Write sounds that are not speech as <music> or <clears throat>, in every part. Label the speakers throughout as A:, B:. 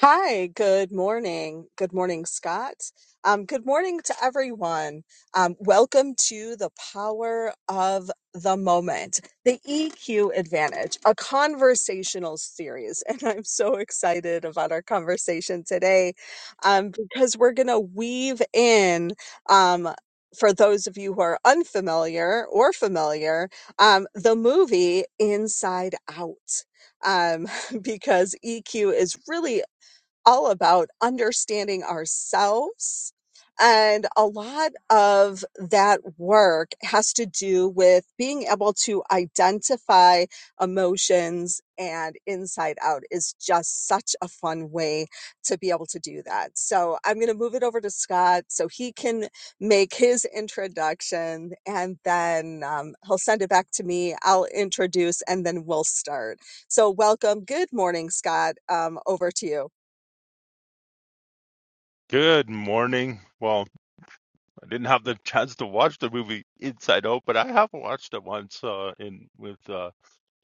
A: Hi, good morning. Good morning, Scott. Um, good morning to everyone. Um, welcome to the power of the moment, the EQ advantage, a conversational series. <laughs> And I'm so excited about our conversation today um, because we're going to weave in. Um, for those of you who are unfamiliar or familiar, um, the movie Inside Out um, <laughs> because EQ is really all about understanding ourselves. And a lot of that work has to do with being able to identify emotions and inside out is just such a fun way to be able to do that. So I'm going to move it over to Scott so he can make his introduction and then um, he'll send it back to me. I'll introduce and then we'll start. So welcome. Good morning, Scott. Um, over to you.
B: Good morning. Well, I didn't have the <laughs> chance to watch the movie Inside Out, but I have watched it once uh, in with a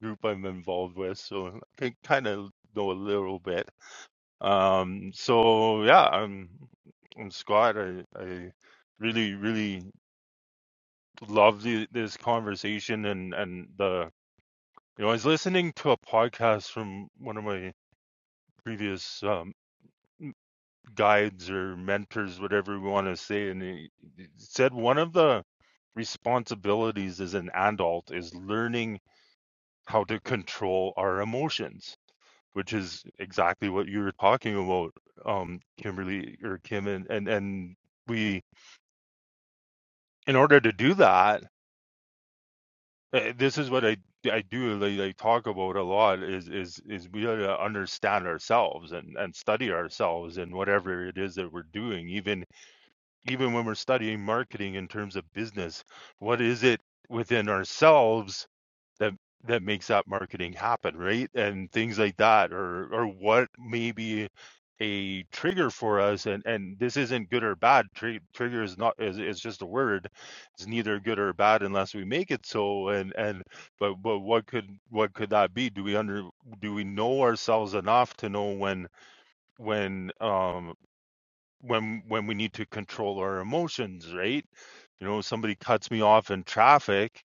B: group I'm involved with, so I can kind of know a little bit. Um, so yeah, I'm, I'm Scott. I, I really, really love the, this conversation and and the you know I was listening to a podcast from one of my previous um, guides or mentors, whatever we want to say. And he said one of the responsibilities as an adult is learning how to control our emotions, which is exactly what you were talking about, um, Kimberly or Kim, and and, and we in order to do that, eh, this is what I I do like, like talk about a lot is is is we gotta understand ourselves and and study ourselves and whatever it is that we're doing, even even when we're studying marketing in terms of business, what is it within ourselves that that makes that marketing happen, right? And things like that, or or what may be a trigger for us and and this isn't good or bad Tri- trigger is not is, is just a word it's neither good or bad unless we make it so and and but but what could what could that be do we under do we know ourselves enough to know when when um when when we need to control our emotions, right? You know, somebody cuts me off in traffic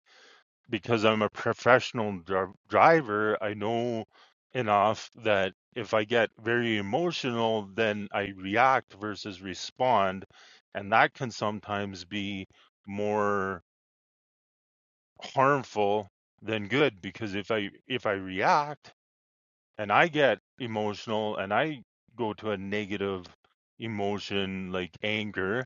B: because I'm a professional dri- driver. I know enough that if I get very emotional, then I react versus respond, and that can sometimes be more harmful than good because if I if I react and I get emotional and I go to a negative emotion like anger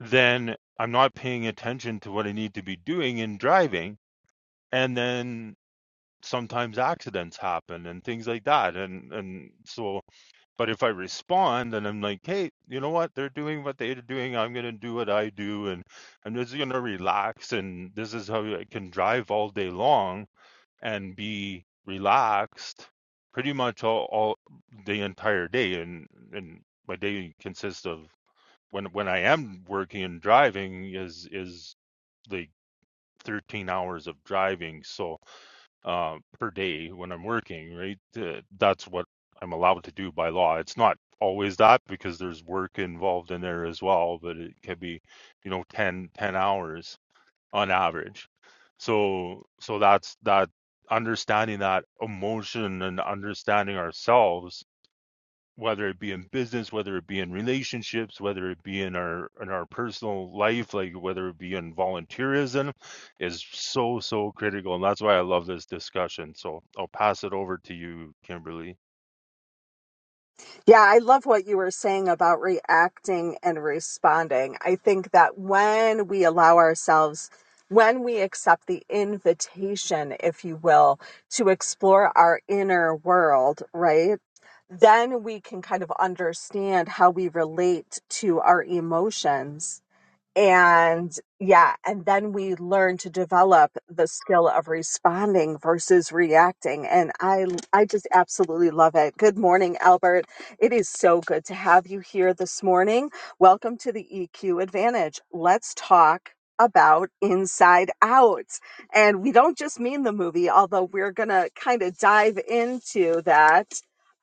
B: then I'm not paying attention to what I need to be doing in driving. And then sometimes accidents happen and things like that. And and so but if I respond and I'm like, hey, you know what? They're doing what they're doing. I'm gonna do what I do and I'm just gonna relax and this is how I can drive all day long and be relaxed pretty much all, all the entire day and and my day consists of when when I am working and driving is is like 13 hours of driving so uh, per day when I'm working, right? Uh, that's what I'm allowed to do by law. It's not always that because there's work involved in there as well, but it can be, you know, 10 10 hours on average. So so that's that understanding that emotion and understanding ourselves whether it be in business, whether it be in relationships, whether it be in our in our personal life, like whether it be in volunteerism, is so so critical, and that's why I love this discussion. So I'll pass it over to you, Kimberly.
A: Yeah, I love what you were saying about reacting and responding. I think that when we allow ourselves, when we accept the invitation, if you will, to explore our inner world, right? Then we can kind of understand how we relate to our emotions and yeah, and then we learn to develop the skill of responding versus reacting. And I I just absolutely love it. Good morning, Albert. It is so good to have you here this morning. Welcome to the EQ Advantage. Let's talk about Inside Out. And we don't just mean the movie, although we're going to kind of dive into that.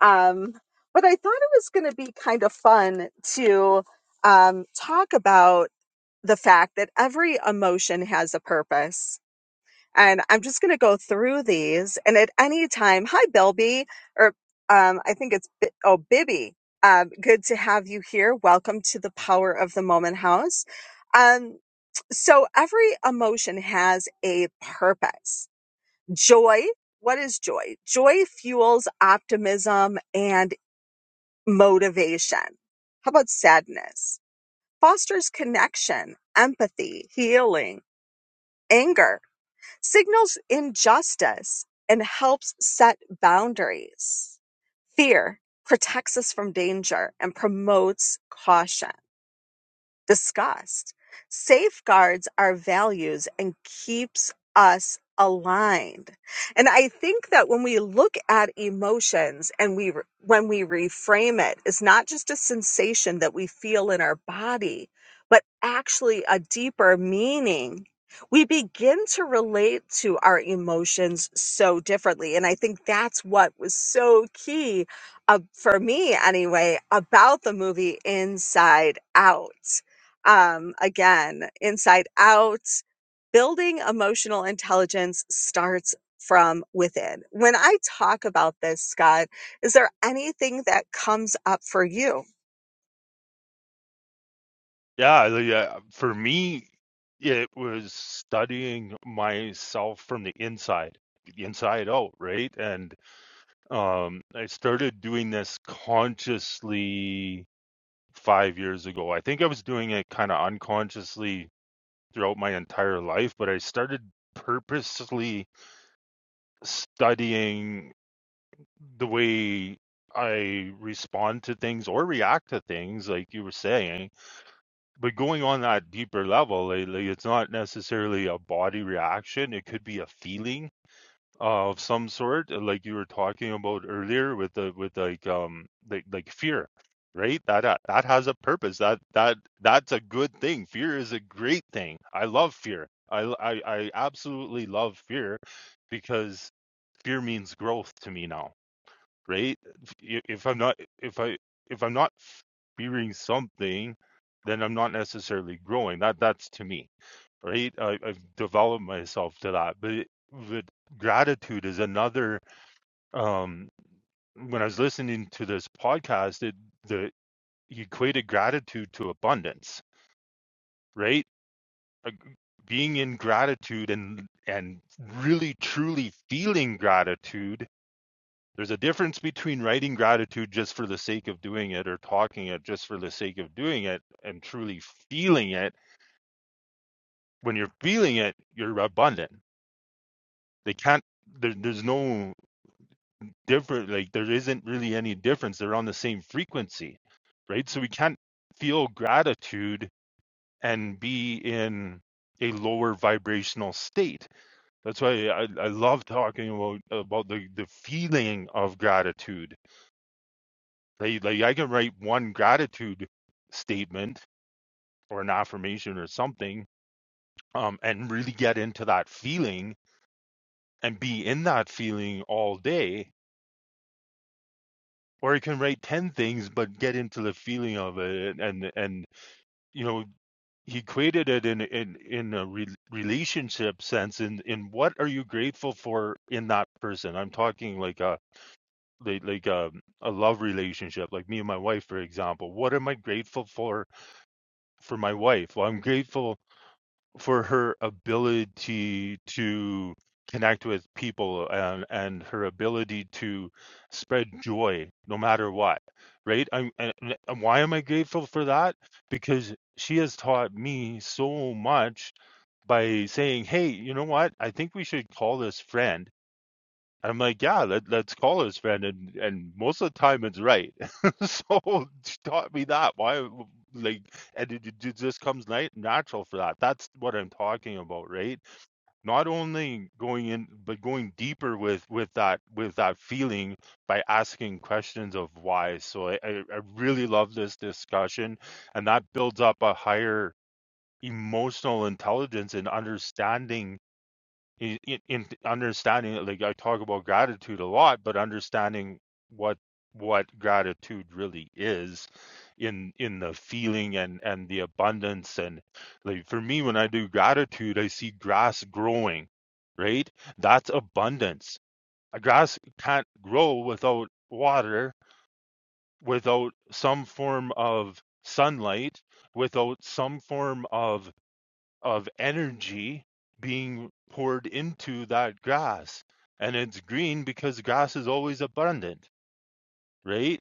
A: Um, but I thought it was going to be kind of fun to um, talk about the fact that every emotion has a purpose. And I'm just going to go through these. And at any time, hi, Bilby, or um, I think it's, Bi- oh, Bibby. Um, good to have you here. Welcome to the Power of the Moment House. Um, so every emotion has a purpose. Joy. What is joy? Joy fuels optimism and motivation. How about sadness? Fosters connection, empathy, healing Anger signals injustice and helps set boundaries. Fear protects us from danger and promotes caution discussed safeguards our values and keeps us aligned and i think that when we look at emotions and we re- when we reframe it it's not just a sensation that we feel in our body but actually a deeper meaning we begin to relate to our emotions so differently and i think that's what was so key uh, for me anyway about the movie inside out um, again, inside out, building emotional intelligence starts from within. When I talk about this, Scott, is there anything that comes up for you?
B: Yeah, the, uh, for me, it was studying myself from the inside, the inside out, right? And um, I started doing this consciously five years ago. I think I was doing it kind of unconsciously throughout my entire life, but I started purposely studying the way I respond to things or react to things, like you were saying. But going on that deeper level, like, like it's not necessarily a body reaction, it could be a feeling uh, of some sort uh, like you were talking about earlier with the with like um like like fear right that uh, that has a purpose that that that's a good thing fear is a great thing i love fear i l- i, I absolutely love fear because fear means growth to me now right If y- if i'm not if i if i'm not fearing something then i'm not necessarily growing that that's to me right? I, I've developed myself to that. But it, but gratitude is another. Um, when I was listening to this podcast, it the he equated gratitude to abundance, right? Uh, Being in gratitude and and really truly feeling gratitude. There's a difference between writing gratitude just for the sake of doing it or talking it just for the sake of doing it and truly feeling it. When you're feeling it, you're abundant. They can't there, there's no different like there isn't really any difference they're on the same frequency right so we can't feel gratitude and be in a lower vibrational state that's why i, I love talking about about the, the feeling of gratitude like, like i can write one gratitude statement or an affirmation or something um, and really get into that feeling and be in that feeling all day or he can write 10 things but get into the feeling of it and and you know he created it in in in a re- relationship sense in in what are you grateful for in that person i'm talking like a like, like a, a love relationship like me and my wife for example what am i grateful for for my wife well i'm grateful for her ability to connect with people and and her ability to spread joy no matter what right i'm and, and why am i grateful for that because she has taught me so much by saying hey you know what i think we should call this friend I'm like, yeah, let, let's call his friend, and and most of the time it's right. <laughs> So she taught me that. Why, like, and it, it just comes night natural for that. That's what I'm talking about, right? Not only going in, but going deeper with with that with that feeling by asking questions of why. So I I I really love this discussion, and that builds up a higher emotional intelligence and understanding in, in understanding like I talk about gratitude a lot, but understanding what what gratitude really is in in the feeling and and the abundance and like for me when I do gratitude I see grass growing right that's abundance a grass can't grow without water without some form of sunlight without some form of of energy being poured into that grass. And it's green because grass is always abundant, right?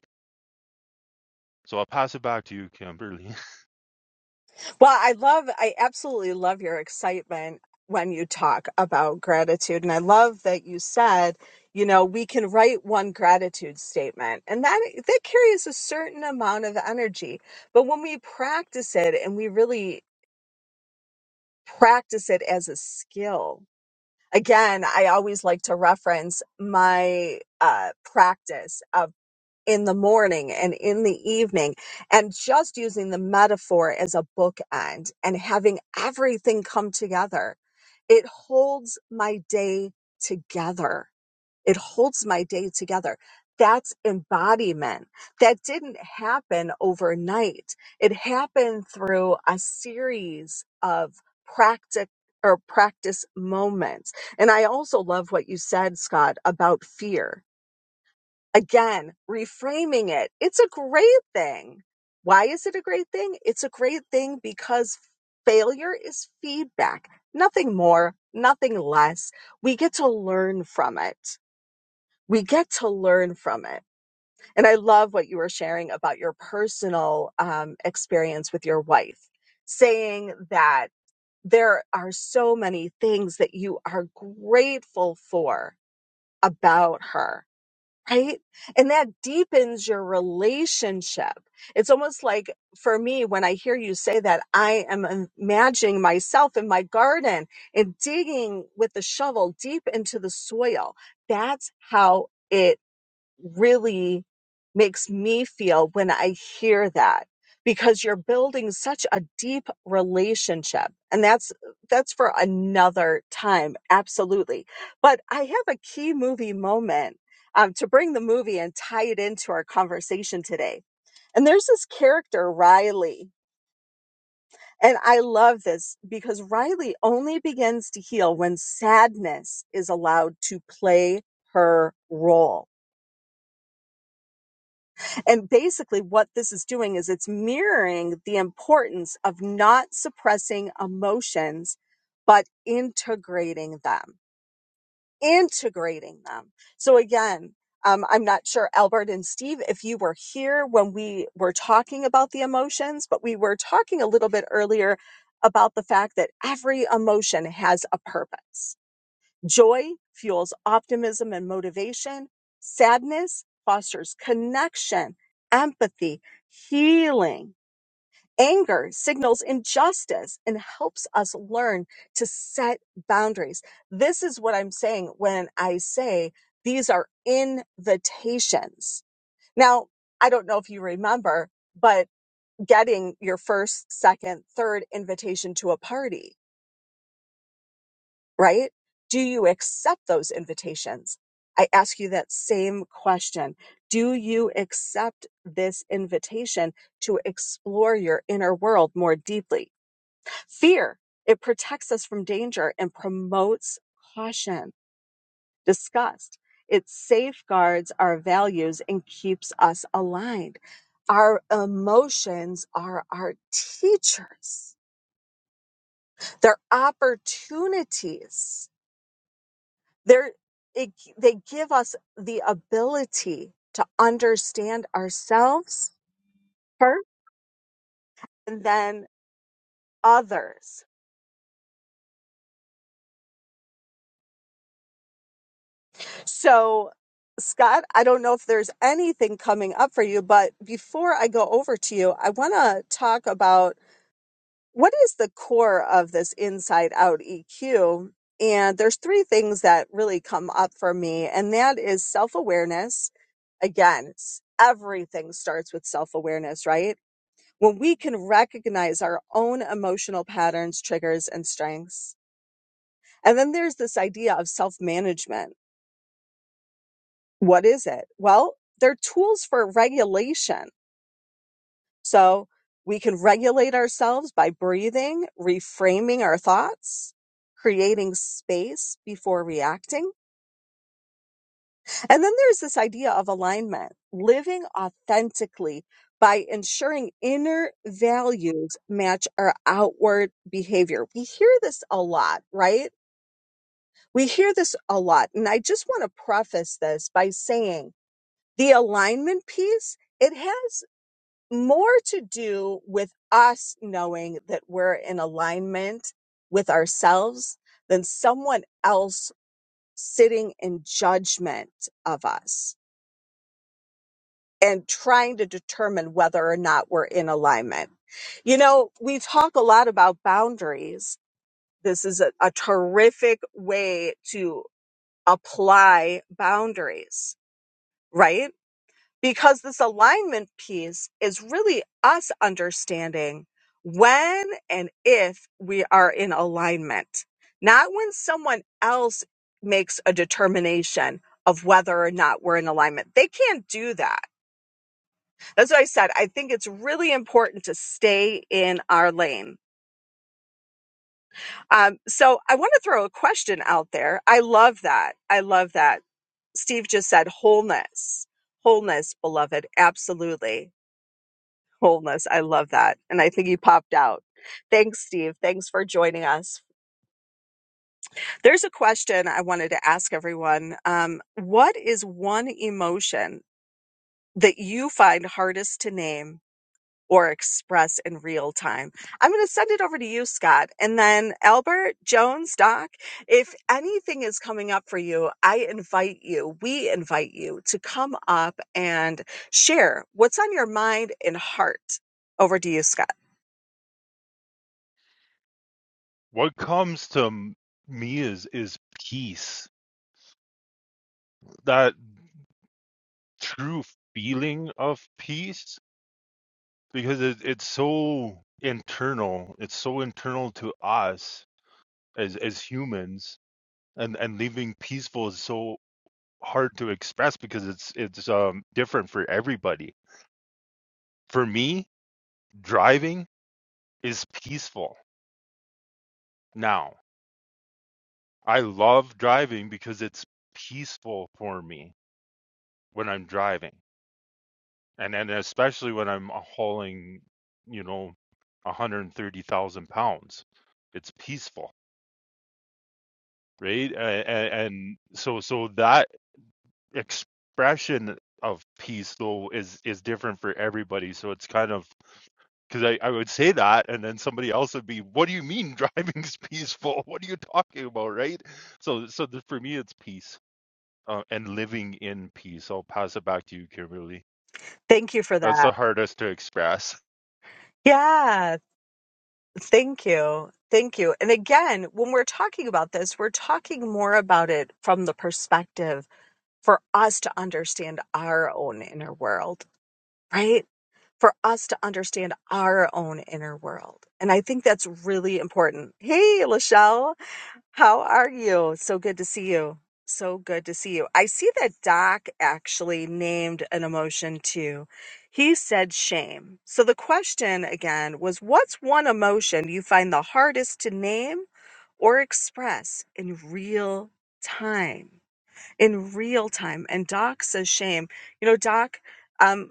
B: So I'll pass it back to you, Kimberly. <laughs>
A: Well, I love, I absolutely love your excitement when you talk about gratitude. And I love that you said, you know, we can write one gratitude statement and that, that carries a certain amount of energy. But when we practice it and we really practice it as a skill, again, I always like to reference my uh, practice of in the morning and in the evening, and just using the metaphor as a bookend and having everything come together. It holds my day together it holds my day together. That's embodiment. That didn't happen overnight. It happened through a series of practice or practice moments. And I also love what you said, Scott, about fear. Again, reframing it. It's a great thing. Why is it a great thing? It's a great thing because failure is feedback, nothing more, nothing less. We get to learn from it we get to learn from it. And I love what you were sharing about your personal um, experience with your wife, saying that there are so many things that you are grateful for about her, right? And that deepens your relationship. It's almost like for me, when I hear you say that, I am imagining myself in my garden and digging with the shovel deep into the soil. That's how. It really makes me feel when I hear that because you're building such a deep relationship and that's that's for another time absolutely but i have a key movie moment um, to bring the movie and tie it into our conversation today and there's this character riley and i love this because riley only begins to heal when sadness is allowed to play her role And basically, what this is doing is it's mirroring the importance of not suppressing emotions, but integrating them, integrating them. So, again, um, I'm not sure, Albert and Steve, if you were here when we were talking about the emotions, but we were talking a little bit earlier about the fact that every emotion has a purpose Joy fuels optimism and motivation. Sadness fosters connection, empathy, healing. Anger signals injustice and helps us learn to set boundaries. This is what I'm saying when I say these are invitations. Now, I don't know if you remember, but getting your first, second, third invitation to a party. right? Do you accept those invitations? I ask you that same question. Do you accept this invitation to explore your inner world more deeply? Fear, it protects us from danger and promotes caution, disgust. It safeguards our values and keeps us aligned. Our emotions are our teachers. They're opportunities They're, it, they give us the ability to understand ourselves first and then others. So, Scott, I don't know if there's anything coming up for you, but before I go over to you, I want to talk about what is the core of this inside out EQ. And there's three things that really come up for me, and that is self awareness. Again, s- everything starts with self awareness, right? when we can recognize our own emotional patterns, triggers, and strengths. And then there's this idea of self management. What is it? Well, they're tools for regulation. So we can regulate ourselves by breathing, reframing our thoughts, creating space before reacting And then there's this idea of alignment, living authentically by ensuring inner values match our outward behavior. We hear this a lot, right? We hear this a lot. And I just want to preface this by saying the alignment piece, it has more to do with us knowing that we're in alignment with ourselves than someone else sitting in judgment of us and trying to determine whether or not we're in alignment. You know, we talk a lot about boundaries. This is a, a terrific way to apply boundaries, right? Because this alignment piece is really us understanding when and if we are in alignment, not when someone else makes a determination of whether or not we're in alignment. They can't do that that's what I said. I think it's really important to stay in our lane. Um, so I want to throw a question out there. I love that. I love that. Steve just said wholeness, wholeness, beloved. Absolutely. Wholeness. I love that. And I think you popped out. Thanks, Steve. Thanks for joining us. There's a question I wanted to ask everyone. Um, what is one emotion that you find hardest to name or express in real time. I'm going to send it over to you, Scott. And then Albert, Jones, Doc, if anything is coming up for you, I invite you, we invite you to come up and share what's on your mind and heart. Over to you, Scott.
B: What comes to me is is peace. That true feeling of peace because it, it's so internal. It's so internal to us as as humans and and living peaceful is so hard to express because it's it's um different for everybody For me, driving is peaceful now. I love driving because it's peaceful for me when I'm driving. And and especially when I'm uh, hauling, you know, 130,000 pounds. It's peaceful, right? And, and so so that expression of peace though is is different for everybody. So it's kind of because I, I would say that and then somebody else would be what do you mean <laughs> driving is peaceful what are you talking about right so so the, for me it's peace uh, and living in peace i'll pass it back to you kimberly
A: Thank you for
B: that's
A: that.
B: the hardest to express
A: Yeah, thank you. Thank you. And again, when we're talking about this, we're talking more about it from the perspective for us to understand our own inner world, right? for us to understand our own inner world. And I think that's really important. Hey, Lachelle, how are you? So good to see you. So good to see you. I see that Doc actually named an emotion too. He said shame. So the question again was what's one emotion you find the hardest to name or express in real time? In real time. And Doc says shame. You know, Doc, um,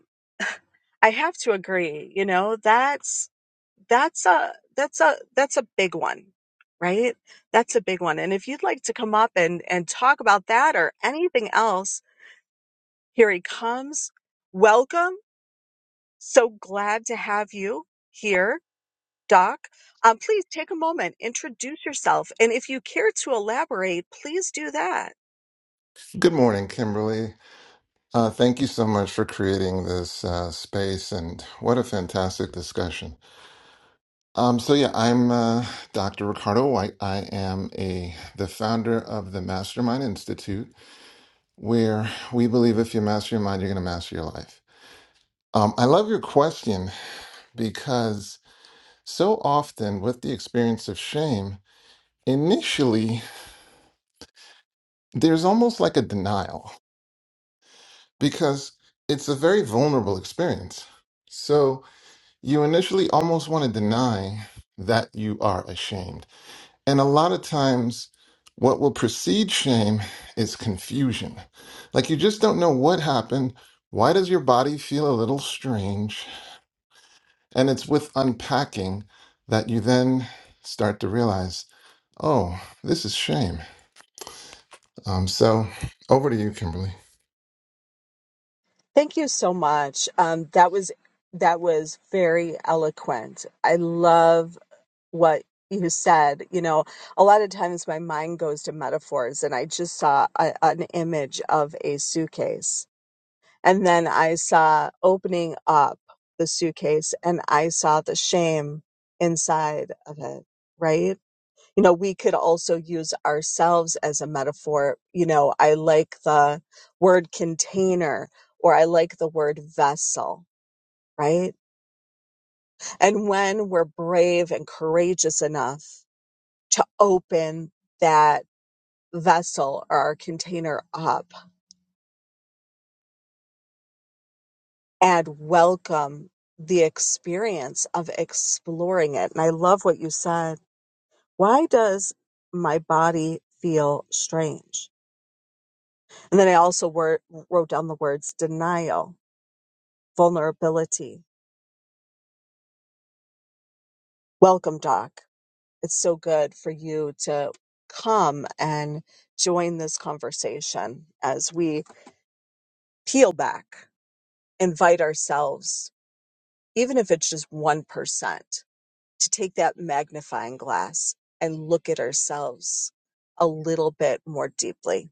A: I have to agree, you know, that's that's a that's a that's a big one, right? That's a big one. And if you'd like to come up and and talk about that or anything else, here he comes. Welcome. So glad to have you here, Doc. Um, please take a moment, introduce yourself, and if you care to elaborate, please do that.
C: Good morning, Kimberly. Uh, thank you so much for creating this uh, space, and what a fantastic discussion. Um, so yeah, I'm uh, Dr. Ricardo White. I am a the founder of the Mastermind Institute, where we believe if you master your mind, you're going to master your life. Um, I love your question because so often with the experience of shame, initially there's almost like a denial because it's a very vulnerable experience. So you initially almost want to deny that you are ashamed. And a lot of times, what will precede shame is confusion. Like you just don't know what happened. Why does your body feel a little strange? And it's with unpacking that you then start to realize, oh, this is shame. Um, so over to you, Kimberly.
A: Thank you so much. Um, that was that was very eloquent. I love what you said. You know, a lot of times my mind goes to metaphors, and I just saw a, an image of a suitcase. And then I saw opening up the suitcase and I saw the shame inside of it, right? You know, we could also use ourselves as a metaphor. You know, I like the word container or I like the word vessel, right? And when we're brave and courageous enough to open that vessel or our container up and welcome the experience of exploring it. And I love what you said. Why does my body feel strange? And then I also wor- wrote down the words denial, vulnerability. Welcome, Doc. It's so good for you to come and join this conversation as we peel back, invite ourselves even if it's just 1%, to take that magnifying glass and look at ourselves a little bit more deeply.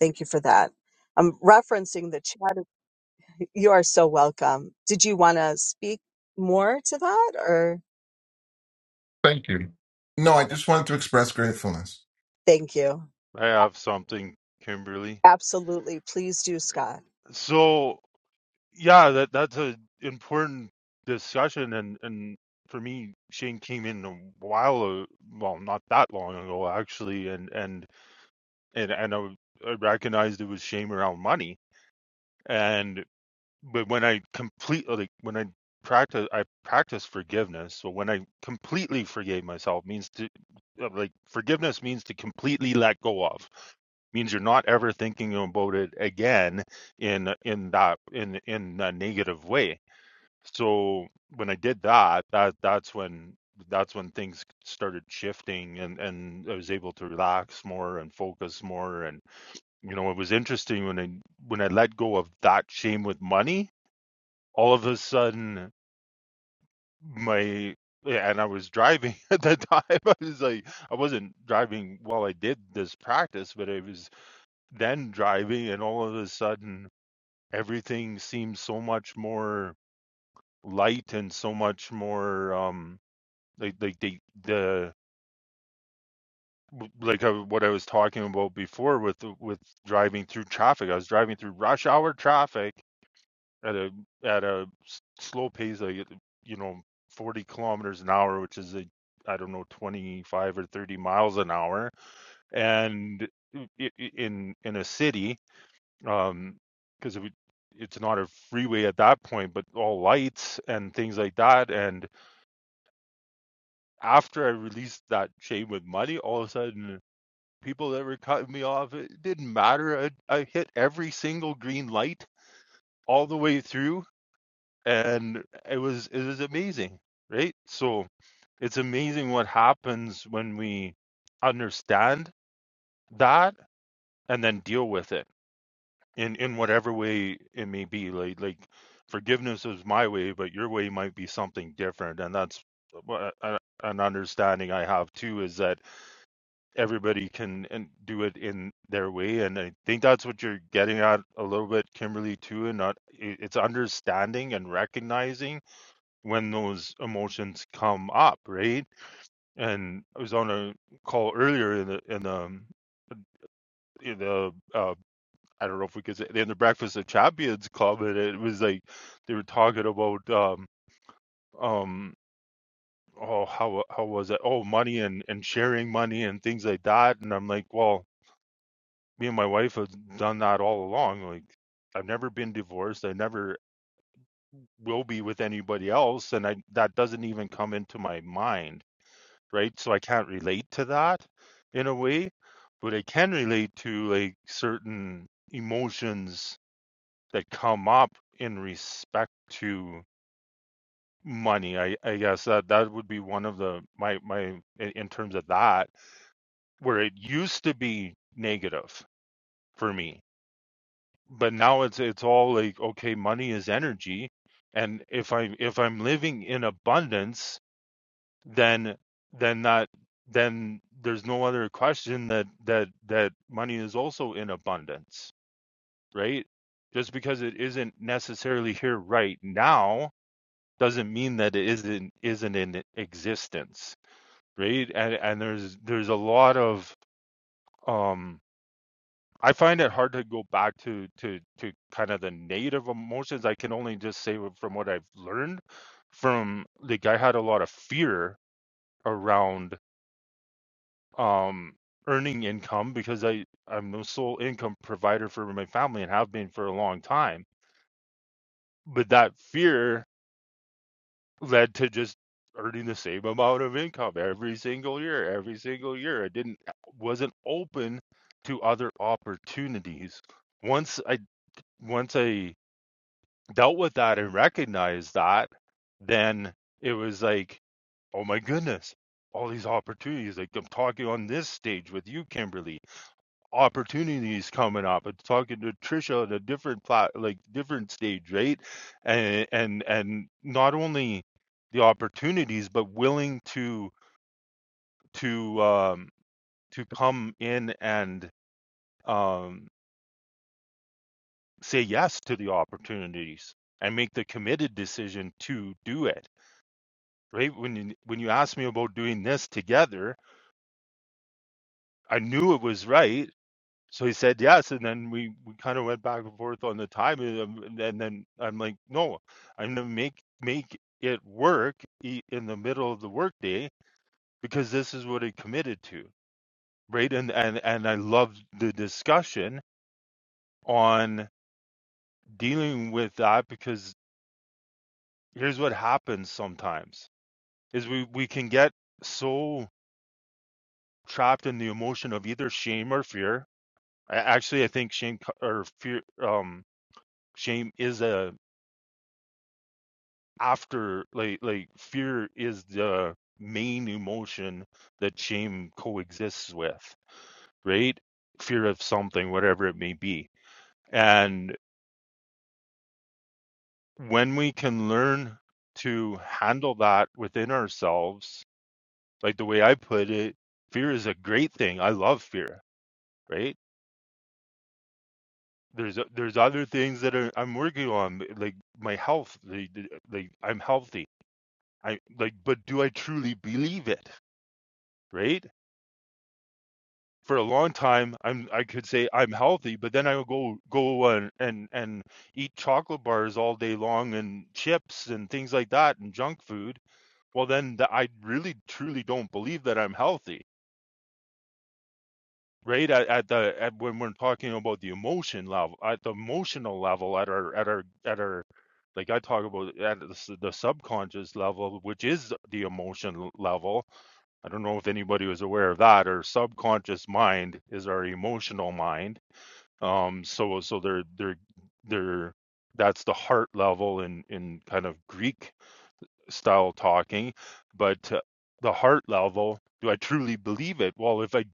A: Thank you for that. I'm referencing the chat. <laughs> You are so welcome. Did you want to speak more to that or
C: No, I just wanted to express gratefulness.
A: thank you?
B: i have something kimberly
A: Absolutely. Please do, Scott.
B: so yeah that that's an important discussion and and for me shane came in a while a- well not that long ago actually and and and, and I, I recognized it was shame around money and but when I completely like, when I practice I practice forgiveness. So when I completely forgave myself means to uh, like forgiveness means to completely let go of. Means you're not ever thinking about it again in in that in in a negative way. So when I did that, that that's when that's when things started shifting and and I was able to relax more and focus more and you know it was interesting when I when I let go of that shame with money all of a sudden my yeah, and I was driving <laughs> at that time. I was like, I wasn't driving while I did this practice, but I was then driving, and all of a sudden, everything seemed so much more light and so much more um like like the the w- like I, what I was talking about before with the- with driving through traffic. I was driving through rush hour traffic at a at a s- slow pace like you know 40 kilometers an hour which is a i don't know 25 or 30 miles an hour and i- i- in in a city um because it, would- it's not a freeway at that point but all lights and things like that and after i released that chain with money all of a sudden people that were cutting me off it didn't matter i, I hit every single green light all the way through and it was it was amazing right so it's amazing what happens when we understand that and then deal with it in in whatever way it may be like like forgiveness is my way but your way might be something different and that's what a- an understanding i have too is that everybody can and do it in their way and i think that's what you're getting at a little bit kimberly too and not it- it's understanding and recognizing when those emotions come up, right? And I was on a call earlier in the in the um, in the uh, I don't know if we could say in the Breakfast of Champions Club, and it was like they were talking about um um oh how how was it oh money and and sharing money and things like that, and I'm like well me and my wife have done that all along like. I've never been divorced. I never will be with anybody else, and I, that doesn't even come into my mind right? So I can't relate to that in a way, but I can relate to like certain emotions that come up in respect to money. I, I guess that that would be one of the my my in in terms of that where it used to be negative for me, but now it's it's all like okay, money is energy, and if I if I'm living in abundance then then that then there's no other question that that that money is also in abundance right just because it isn't necessarily here right now doesn't mean that it isn't isn't in existence right and and there's there's a lot of um I find it hard to go back to to to kind of the native emotions. I can only just say from what I've learned from like I had a lot of fear around um earning income because I I'm the sole income provider for my family and have been for a long time. But that fear led to just earning the same amount of income every single year, every single year. I didn't wasn't open to other opportunities. Once I once I dealt with that and recognized that, then it was like, oh my goodness, all these opportunities. Like I'm talking on this stage with you, Kimberly opportunities coming up and talking to Trisha at a different plat like different stage, right? And and and not only the opportunities, but willing to to um to come in and um say yes to the opportunities and make the committed decision to do it. Right. When you when you asked me about doing this together, I knew it was right So he said yes, and then we, we kind of went back and forth on the time, and, um, and then I'm like, no, I'm gonna make make it work i- in the middle of the workday because this is what I committed to, right? And and and I loved the discussion on dealing with that because here's what happens sometimes is we we can get so trapped in the emotion of either shame or fear. I, actually, I think shame co- or fear, um, shame is a after like like fear is the main emotion that shame coexists with right fear of something whatever it may be and when we can learn to handle that within ourselves like the way i put it fear is a great thing i love fear right there's there's other things that are, i'm working on like my health like, like i'm healthy i like but do i truly believe it right for a long time i'm i could say i'm healthy but then i would go go and and and eat chocolate bars all day long and chips and things like that and junk food well then the, i really truly don't believe that i'm healthy right at, at the at when we're talking about the emotion level at the emotional level at our at our at our like i talk about at the, s- the subconscious level which is the emotion level i don't know if anybody was aware of that our subconscious mind is our emotional mind um so so they're they're they're that's the heart level in in kind of greek style talking but uh, the heart level do i truly believe it well if i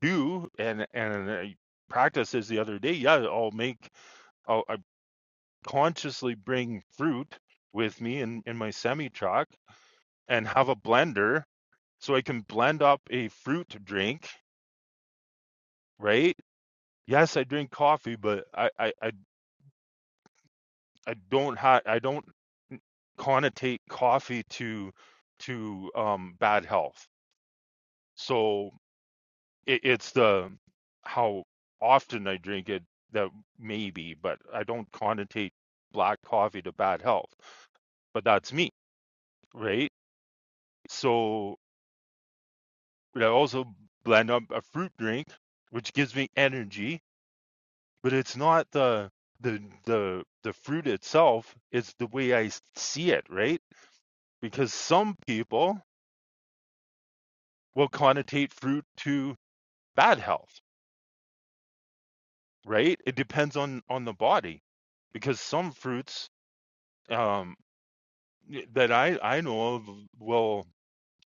B: do and and i practice this the other day yeah i'll make i'll I consciously bring fruit with me in in my semi truck and have a blender so i can blend up a fruit drink right yes i drink coffee but i i, I I don't ha I don't connotate coffee to to um bad health. So it, it's the how often I drink it that maybe, but I don't connotate black coffee to bad health. But that's me, right? So I also blend up a fruit drink, which gives me energy, but it's not the the the the fruit itself, it's the way I see it, right? Because some people will connotate fruit to bad health, right? It depends on on the body because some fruits um, that I I know of will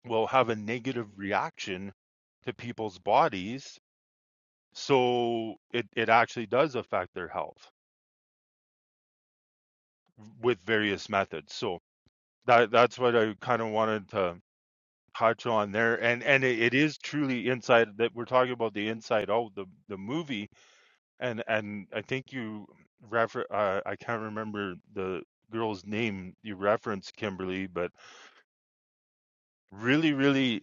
B: will have a negative reaction to people's bodies, so it it actually does affect their health with various methods. So that that's what I kind of wanted to touch on there, and and it, it is truly inside that we're talking about the inside out the the movie and and I think you refer uh, I can't remember the girl's name you referenced Kimberly, but really, really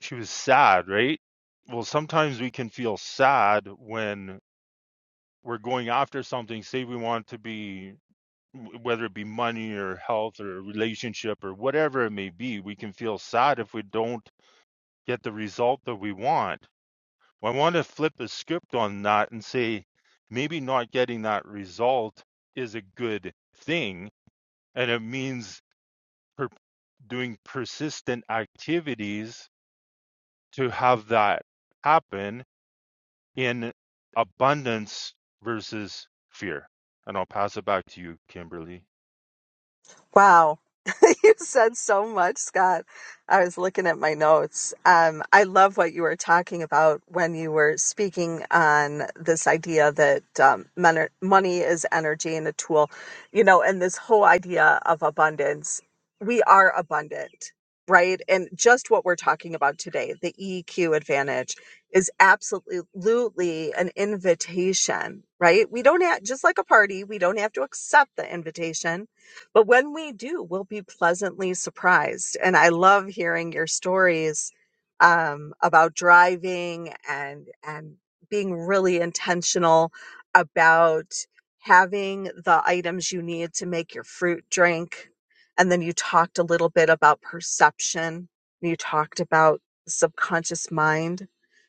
B: she was sad, right? Well, sometimes we can feel sad when we're going after something. Say we want to be w- whether it be money or health or a relationship or whatever it may be, we can feel sad if we don't get the result that we want I want to flip the script on that and say maybe not getting that result is a good thing. And it means per- doing persistent activities to have that happen in abundance versus fear. And I'll pass it back to you, Kimberly.
A: Wow. <laughs> you said so much, Scott. I was looking at my notes. Um, I love what you were talking about when you were speaking on this idea that um, mon- money is energy and a tool, you know, and this whole idea of abundance. We are abundant, right? And just what we're talking about today, the EQ advantage is absolutely an invitation, right? We don't have, just like a party, we don't have to accept the invitation but when we do, we'll be pleasantly surprised. And I love hearing your stories um, about driving and and being really intentional about having the items you need to make your fruit drink. And then you talked a little bit about perception. You talked about the subconscious mind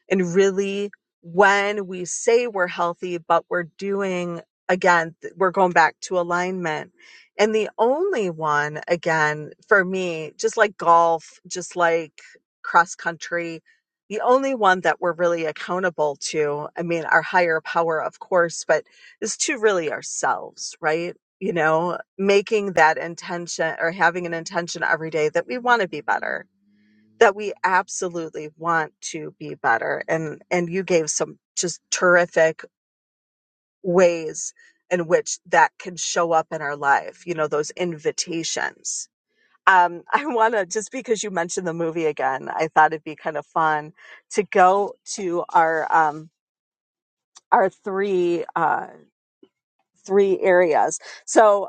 A: and really when we say we're healthy, but we're doing again, th- we're going back to alignment and the only one, again, for me, just like golf, just like cross country, the only one that we're really accountable to, I mean, our higher power, of course, but is to really ourselves, right? You know, making that intention or having an intention every day that we want to be better, that we absolutely want to be better. And, and you gave some just terrific ways in which that can show up in our life, you know, those invitations. Um, <laughs> I want to, just because you mentioned the movie again, I thought it'd be kind of fun to go to our, um, our three, uh, three areas. So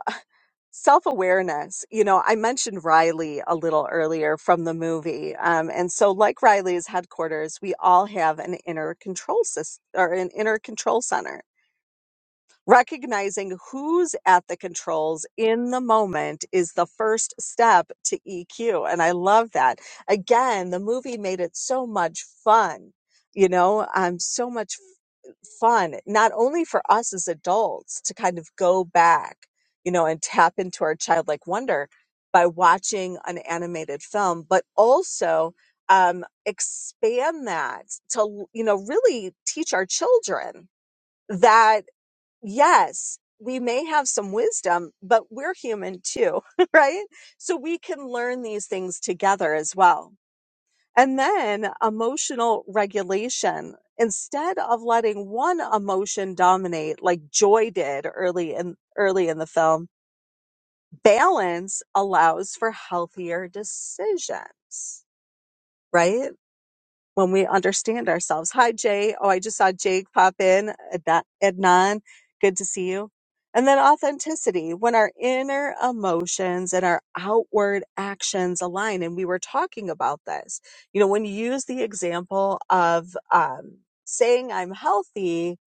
A: <laughs> self awareness, you know, I mentioned Riley a little earlier from the movie. Um, and so like Riley's headquarters, we all have an inner control system or an inner control center Recognizing who's at the controls in the moment is the first step to EQ. And I love that. Again, the movie made it so much fun, you know, um, so much f- fun, not only for us as adults to kind of go back, you know, and tap into our childlike wonder by watching an animated film, but also um, expand that to, you know, really teach our children that yes, we may have some wisdom, but we're human too, <laughs> right? So we can learn these things together as well. And then emotional regulation. Instead of letting one emotion dominate like joy did early in early in the film, balance allows for healthier decisions, right? when we understand ourselves. Hi, Jay. Oh, I just saw Jake pop in. Adna- Adnan, good to see you. And then authenticity, when our inner emotions and our outward actions align. And we were talking about this. You know, when you use the example of um, saying I'm healthy,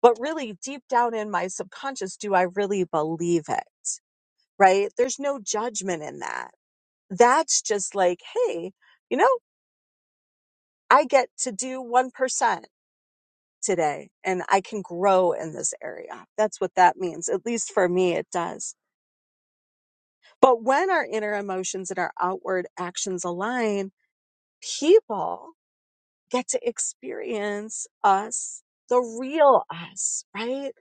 A: but really deep down in my subconscious, do I really believe it? Right? There's no judgment in that. That's just like, hey, you know, I get to do 1% today and I can grow in this area. That's what that means. At least for me, it does. But when our inner emotions and our outward actions align, people get to experience us, the real us, right?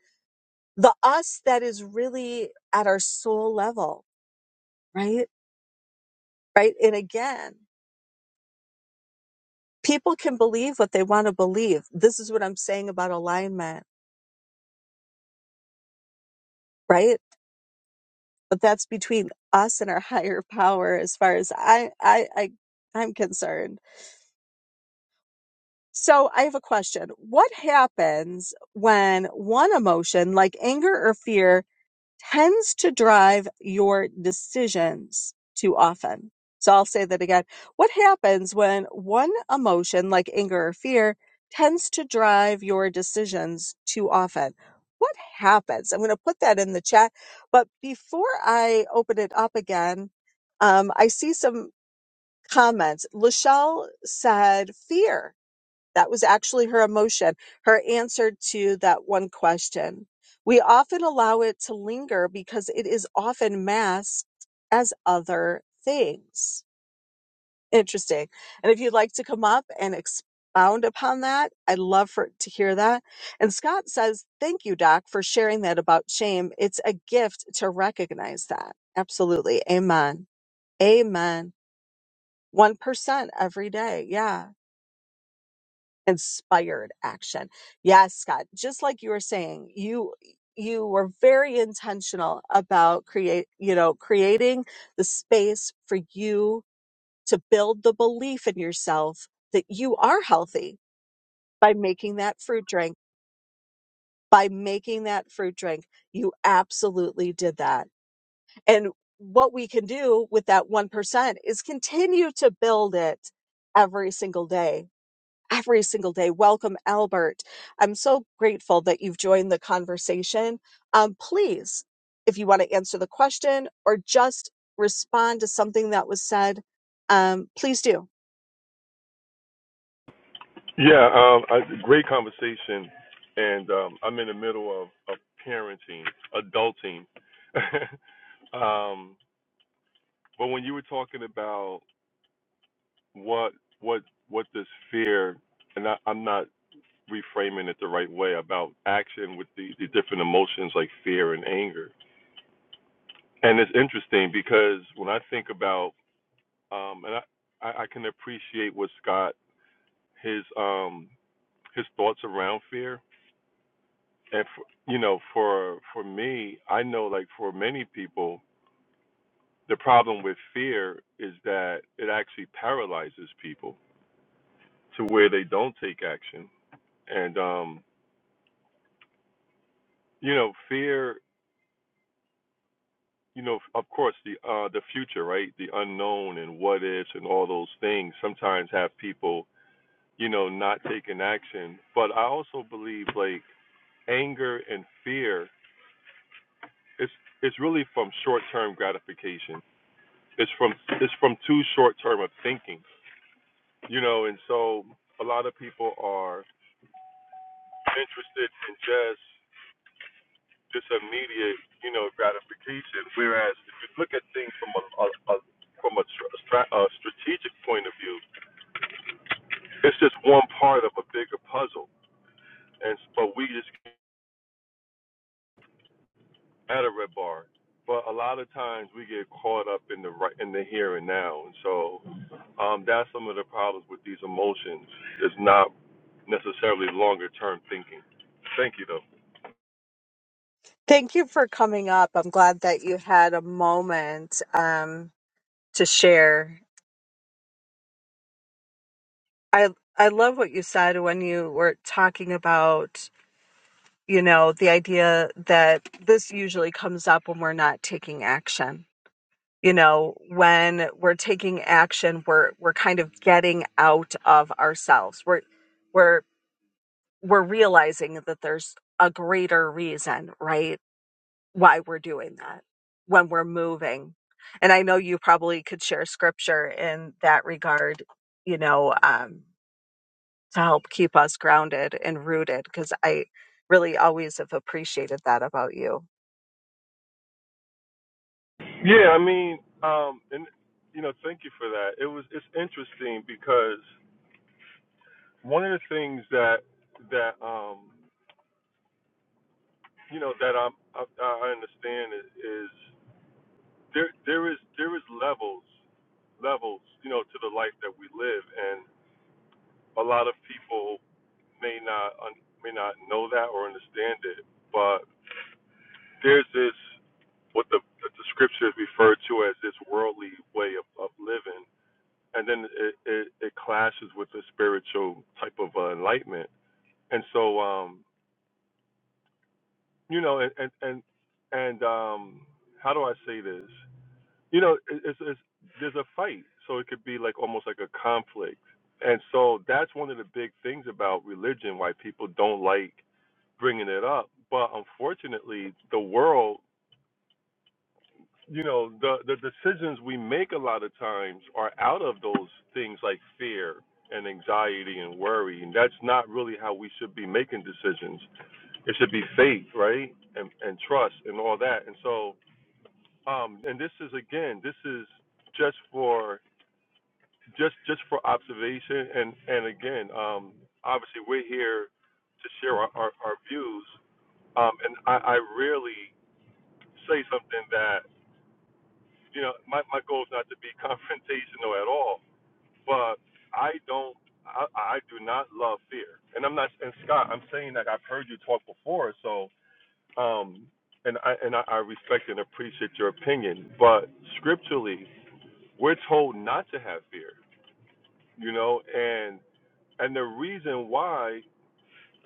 A: The us that is really at our soul level, right? Right. And again, people can believe what they want to believe. This is what I'm saying about alignment, right? but that's between us and our <laughs> higher power as far as I, I, I I'm concerned. So I have a question. What happens when one emotion like anger or fear tends to drive your decisions too often. So I'll say that again. What happens when one emotion, like anger or fear, tends to drive your decisions too often? What happens? I'm going to put that in the chat. But before I open it up again, um, I see some comments. Lachelle said fear. That was actually her emotion, her answer to that one question. We often allow it to linger because it is often masked as other things. Interesting. And if you'd like to come up and expound upon that, I'd love for to hear that. And Scott says, "Thank you, Doc, for sharing that about shame. It's a gift to recognize that." Absolutely. Amen. Amen. 1% every day. Yeah inspired action. Yes, Scott, just like you were saying, you you were very intentional about create, you know, creating the space for you to build the belief in yourself that you are healthy by making that fruit drink. By making that fruit drink, you absolutely did that. And what we can do with that 1% is continue to build it every single day every single day. Welcome, Albert. I'm so grateful that you've joined the conversation. Um, please, if you want to answer the question or just respond to something that was said, um, please do.
D: Yeah, um, I, great conversation. And um, I'm in the middle of, of parenting, adulting. <laughs> um, but when you were talking about what what what does fear, and I, I'm not reframing it the right way about action with the, the different emotions like fear and anger. And it's interesting because when I think about, um, and I, I I can appreciate what Scott his um, his thoughts around fear and for, you know for for me i know like for many people the problem with fear is that it actually paralyzes people to where they don't take action and um you know fear you know of course the uh the future right the unknown and what ifs and all those things sometimes have people you know not taking action but i also believe like anger and fear it's it's really from short term gratification It's from it's from too short term of thinking, you know. And so a lot of people are interested in just just immediate, you know, gratification. Whereas if you look at things from a, a, a from a, stra- a strategic point of view, it's just one part of a bigger puzzle. And but we just at a red bar. But a lot of times we get caught up in the right, in the here and now, and so um, that's some of the problems with these emotions. It's not necessarily longer term thinking. Thank you, though.
A: Thank you for coming up. I'm glad that you had a moment um, to share. I I love what you said when you were talking about you know the idea that this usually comes up when we're not taking action you know when we're taking action we're we're kind of getting out of ourselves we're we're we're realizing that there's a greater reason right why we're doing that when we're moving and i know you probably could share scripture in that regard you know um to help keep us grounded and rooted because i really always have appreciated that about you
D: Yeah, I mean, um, and you know, thank you for that. It was it's interesting because one of the things that that um, you know that I'm, I I understand is, is there there is there is levels levels you know to the life that we live and. a lot of people may not may not know that or understand it, but there's this what the, the scriptures refer to as this worldly way of, of living, and then it, it it clashes with the spiritual type of uh, enlightenment. And so, um, you know, and and and, and um, how do I say this? You know, it, it's, it's there's a fight, so it could be like almost like a conflict. And so that's one of the big things about religion, why people don't like bringing it up, but unfortunately, the world, you know, the the decisions we make a lot of times are out of those things like fear and anxiety and worry, and that's not really how we should be making decisions. It should be faith, right, and and trust and all that. And so, um, and this is again, this is just for just just for observation, and and again, um, obviously we're here to share our, our, our views um, and I, I rarely say something that you know my my goal is not to be <laughs> confrontational at all, but I don't I, I do not love fear, and I'm not and Scott I'm saying that I've heard you talk before, so um and I and I, I respect and appreciate your opinion, but scripturally we're told not to have fear, you know, and and the reason why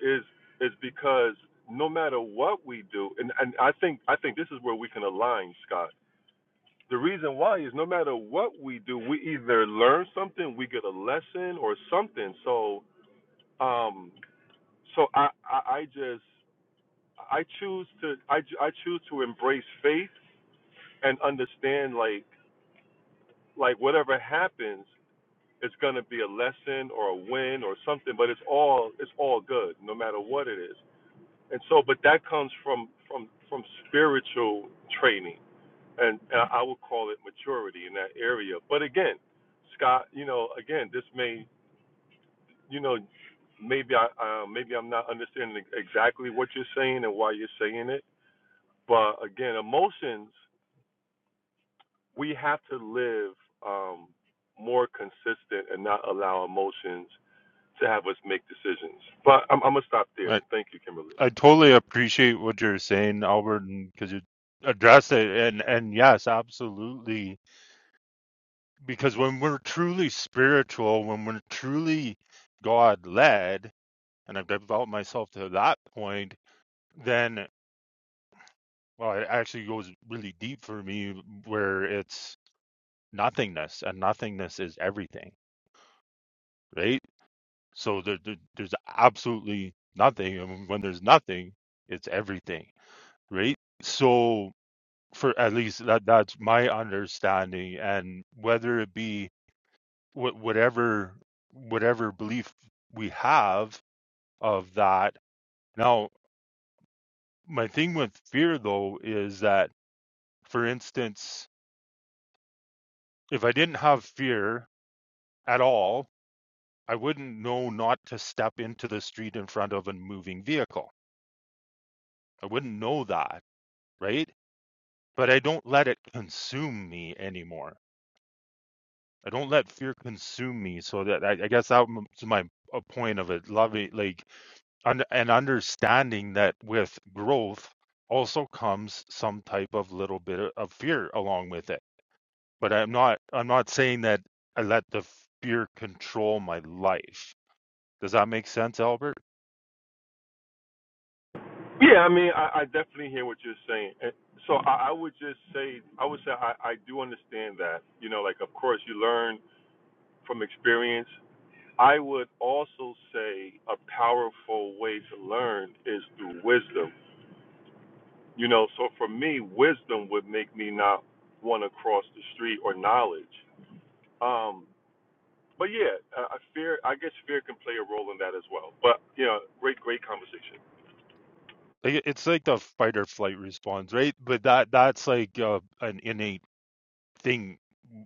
D: is is because no matter what we do, and, and I think I think this is where we can align, Scott The reason why is no matter what we do, we either learn something, we get a lesson or something. So, um, so I, I, I just, I choose to, I, I choose to embrace faith and understand like, like whatever happens, it's gonna be a lesson or a win or something. But it's all, it's all good, no matter what it is. And so, but that comes from, from, from spiritual training and, and I would call it maturity in that area. But again, Scott, you know, again, this may, you know, maybe I, uh, maybe I'm not understanding exactly what you're saying and why you're saying it. But again, emotions, we have to live um, more consistent and not allow emotions to have us make decisions. But I'm, I'm gonna stop there.
B: I,
D: Thank you, Kimberly.
B: I totally appreciate what you're saying, Albert, because you addressed it. And, and yes, absolutely because when we're truly spiritual, when we're truly God led, and I've developed myself to that point, then well, it actually goes really deep for me where it's nothingness, and nothingness is everything, right? So there, there- there's absolutely nothing, and when there's nothing, it's everything, right? So for at least that that's my understanding, and whether it be wh- whatever whatever belief we have of that. Now, my thing with fear though is that, for instance, if I didn't have fear at all, I wouldn't know not to step into the street in front of a moving vehicle. I wouldn't know that, right? But I don't let it consume me anymore. I don't let fear consume me, so that I, I guess that's my a point of it. Love it, like un- and understanding that with growth also comes some type of little bit o- of fear along with it but i'm not i'm not saying that i let the fear control my life does that make sense albert
D: Yeah, I mean, I, I definitely hear what you're saying. And So I, I would just say, I would say I, I do understand that. You know, like, of course, you learn from experience. I would also say a powerful way to learn is through wisdom. You know, so for me, wisdom would make me not want to cross the street or knowledge. Um, but yeah, I, fear, I guess fear can play a role in that as well. But, you know, great, great conversation.
B: like, it- it's like the fight or flight response right but that that's like uh, an innate thing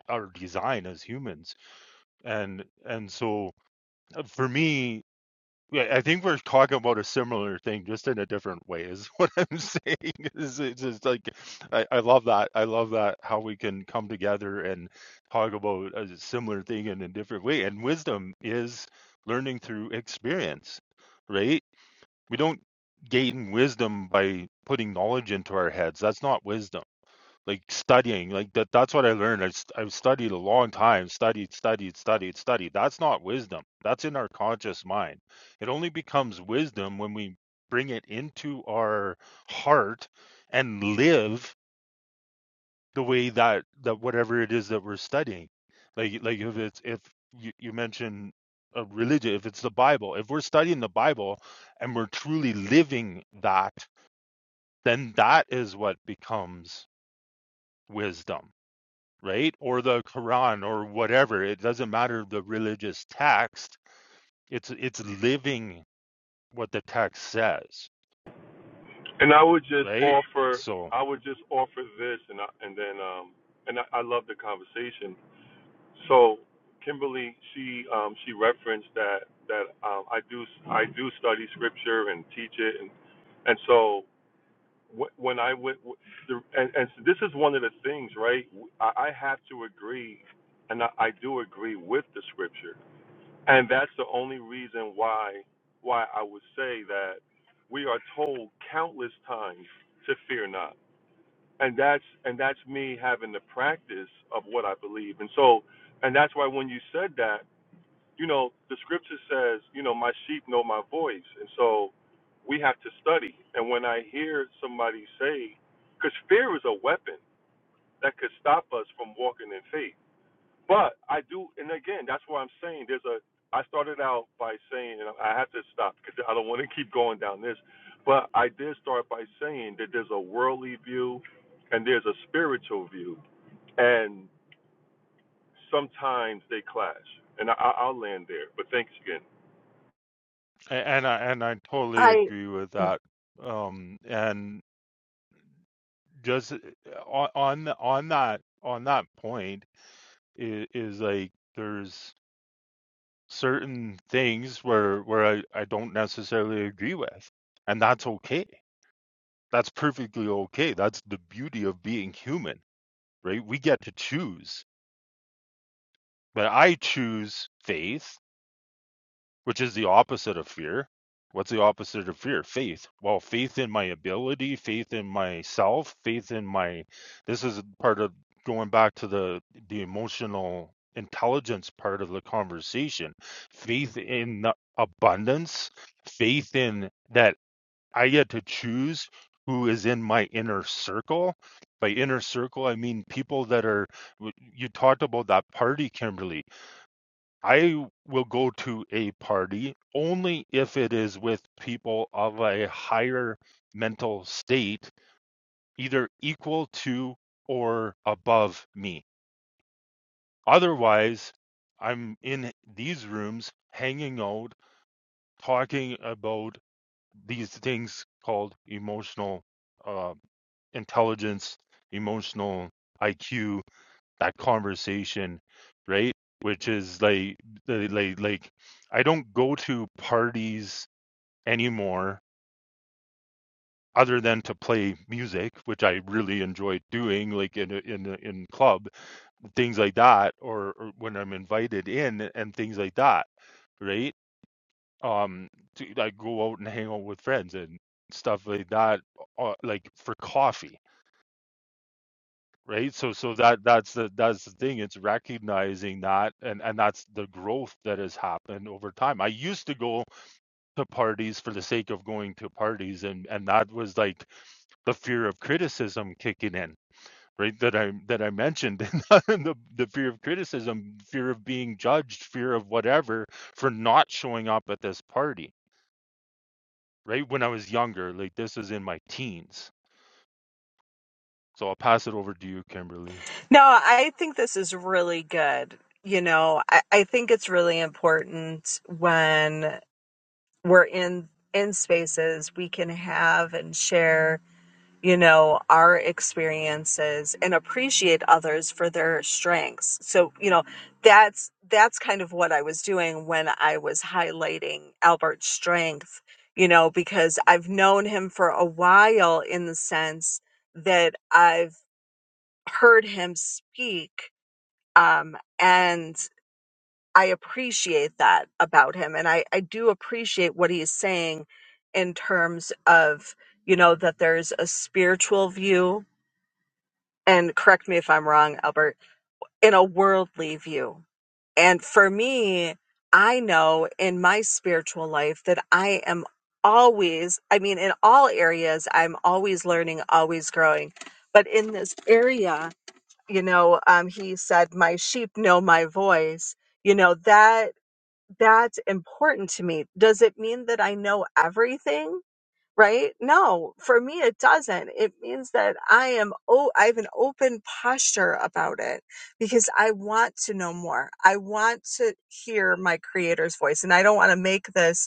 B: our design as humans and and so uh, for me Yeah, I think we're talking about a similar thing, just in a different way, is <laughs> what I'm saying. Is it's just like I, I love that. I love that how we can come together and talk about a similar thing in a different way. And wisdom is learning through experience, right? We don't gain wisdom by putting knowledge into our heads. That's not wisdom like studying like that that's what i learned I st- i've studied a long time studied studied studied studied that's not wisdom that's in our conscious mind it only becomes wisdom when we bring it into our heart and live the way that that whatever it is that we're studying like like if it's if you, you mention a religion if it's the bible if we're studying the bible and we're truly living that then that is what becomes wisdom right? Or the Quran or whatever. It doesn't matter the religious text. It's it's living what the text says,
D: And I would just
B: right?
D: offer,
B: So
D: I would just offer this, and I, and then, um, and I, I love the conversation. So, Kimberly, she um, she referenced that that um, I do I do study scripture and teach it, and and so wh- when I went, wh- the, and and so this is one of the things, right? I, I have to agree, and I, I do agree with the scripture and that's the only reason why why I would say that we are told countless times to fear not. And that's and that's me having the practice of what I believe. And so and that's why when you said that, you know, the scripture says, you know, my sheep know my voice. And so we have to study. And when I hear somebody say, because fear is a weapon that could stop us from walking in faith but I do, and again, that's why I'm saying there's a. I started out by saying, and I have to stop because I don't want to keep going down this, but I did start by saying that there's a worldly view and there's a spiritual view, and sometimes they clash. And I, I- will land there, but thanks again.
B: and I and I totally agree with that. Um and just on on on that on that point is, is like there's certain things where where I, I don't necessarily agree with. And that's okay. That's perfectly okay. That's the beauty of being human right? We get to choose But I choose faith, which is the opposite of fear. What's the opposite of fear? Faith. Well, faith in my ability, faith in myself, faith in my. This is part of going back to the the emotional intelligence part of the conversation. Faith in the abundance, faith in that I get to choose who is in my inner circle. By inner circle, I mean people that are. You talked about that party, Kimberly I will go to a party only if it is with people of a higher mental state, either equal to or above me. Otherwise, I'm in these rooms hanging out, talking about these things called emotional uh, intelligence, emotional IQ, that conversation, right? Which is like, like, like, like, I don't go to parties anymore other than to play music, which I really enjoy doing, like in a, in a, in club things like that, or, or when I'm invited in and things like that, right? Um, to, I go out and hang out with friends and stuff like that, uh, like for coffee right so so that that's the that's the thing it's recognizing that and and that's the growth that has happened over time i used to go to parties for the sake of going to parties and and that was like the fear of criticism kicking in right that i that i mentioned <laughs> and the, the fear of criticism fear of being judged fear of whatever for not showing up at this party right when i was younger like this is in my teens so i'll pass it over to you kimberly
A: No, I think this is really good. You know, I, I think it's really important when we're in in spaces we can have and share, you know, our experiences and appreciate others for their strengths. So, you know, that's that's kind of what I was doing when I was highlighting Albert's strength, you know, because I've known him for a while in the sense that I've heard him speak um, and I appreciate that about him, and I I do appreciate what he's saying in terms of you know that there's a spiritual view, and correct me if I'm wrong, Albert, in a worldly view, and for me, I know in my spiritual life that I am always, I mean, in all areas, I'm always learning, always growing, but in this area you know um, he said my sheep know my voice you know that that's important to me does it mean that i know everything right no for me it doesn't it means that i am oh i have an open posture about it because i want to know more i want to hear my creator's voice and i don't want to make this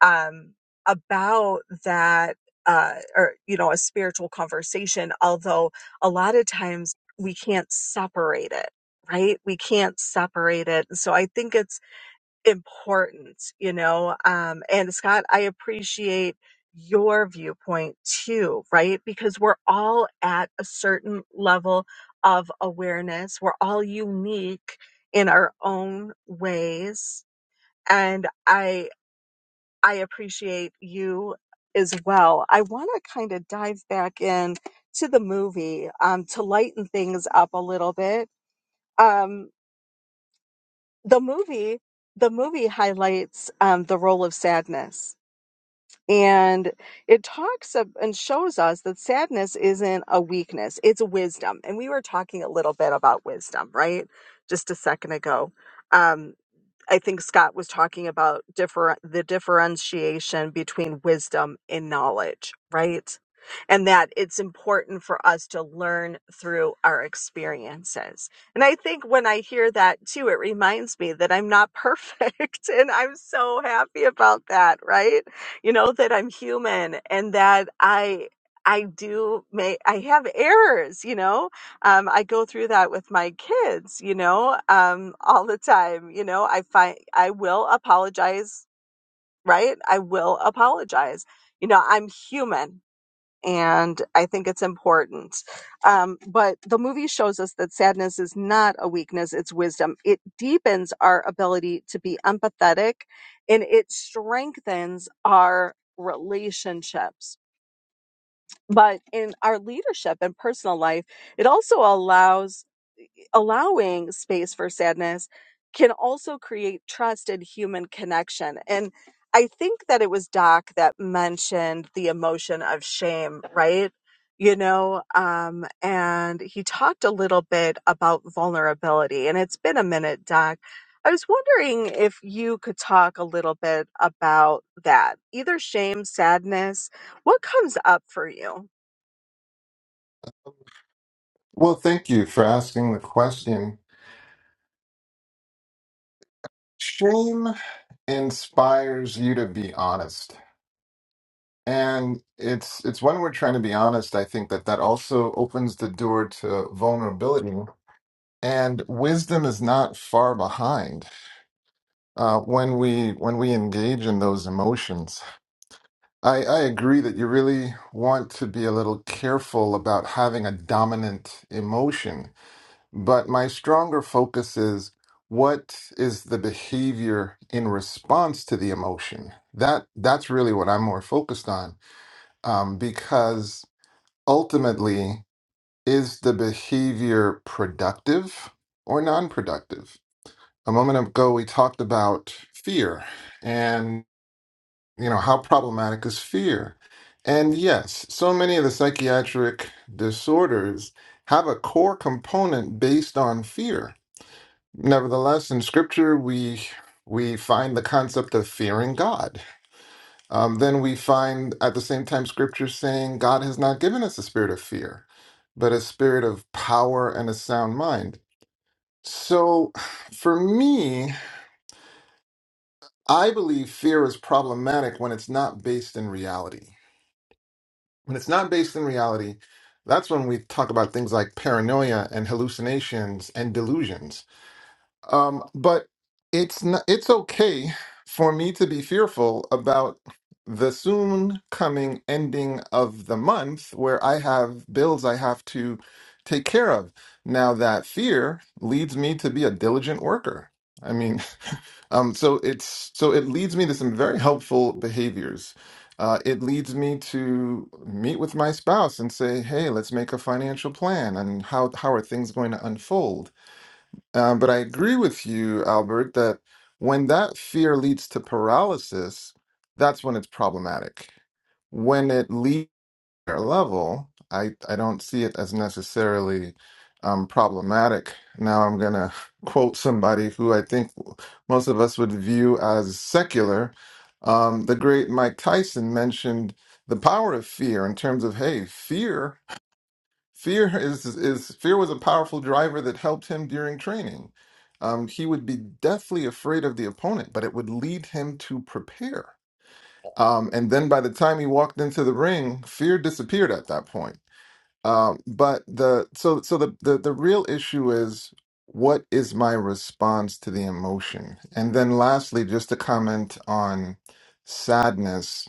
A: um, about that uh, or you know a spiritual conversation although a lot of times we can't separate it right we can't separate it so i think it's important you know um, and scott i appreciate your viewpoint too right because we're all at a certain level of awareness we're all unique in our own ways and I. I appreciate you as well. I want to kind of dive back in to the movie um, to lighten things up a little bit. Um, the movie, the movie highlights um, the role of sadness, and it talks of, and shows us that sadness isn't a weakness; it's wisdom. And we were talking a little bit about wisdom, right, just a second ago. Um, I think Scott was talking about differ the differentiation between wisdom and knowledge, right? And that it's important for us to learn through our experiences. And I think when I hear that too, it reminds me that I'm not perfect. <laughs> And I'm so happy about that, right? You know, that I'm human and that I I do make I have errors, you know, um, I go through that with my kids, you know, um, all the time. You know, I find I will apologize, right? I will apologize. You know, I'm human and I think it's important. Um, but the movie shows us that sadness is not a weakness, it's wisdom. It deepens our ability to be empathetic and it strengthens our relationships. But in our leadership and personal life, it also allows allowing space for sadness can also create trust and human connection. And I think that it was Doc that mentioned the emotion of shame, right? You know, um, and he talked a little bit about vulnerability. And it's been a minute, Doc. I was wondering if you could talk a little bit about that, either shame, sadness. What comes up for you?
C: Well, thank you for asking the question. Shame inspires you to be honest and it's it's when we're trying to be honest i think that that also opens the door to vulnerability and wisdom is not far behind uh, when we when we engage in those emotions i i agree that you really want to be a little careful about having a dominant emotion But my stronger focus is what is the behavior in response to the emotion? That that's really what I'm more focused on, um, because ultimately, is the behavior productive or non-productive? A moment ago, we talked about fear, and you know how problematic is fear. And yes, so many of the psychiatric disorders have a core component based on fear Nevertheless, in Scripture, we we find the concept of fearing God. Um, then we find at the same time Scripture saying God has not given us a spirit of fear, but a spirit of power and a sound mind. So, for me, I believe fear is problematic when it's not based in reality. When it's not based in reality, that's when we talk about things like paranoia and hallucinations and delusions Um, but it's not, it's okay for me to be fearful about the soon coming ending of the month where I have bills I have to take care of. Now that fear leads me to be a diligent worker. I mean, <laughs> um, so it's so it leads me to some very helpful behaviors. Uh, it leads me to meet with my spouse and say, "Hey, let's make a financial plan and how how are things going to unfold?" Um, but I agree with you, Albert, that when that fear leads to paralysis, that's when it's problematic. When it leads leaves their level, I, I don't see it as necessarily um, problematic. Now I'm going to <laughs> quote somebody who I think most of us would view as secular. Um, the great Mike Tyson mentioned the power of fear in terms of, hey, fear. Fear is, is fear was a powerful driver that helped him during training. Um, he would be deathly afraid of the opponent, but it would lead him to prepare. Um, and then by the time he walked into the ring, fear disappeared at that point. Um, but the so so the, the the real issue is what is my response to the emotion? And then lastly, just to comment on sadness.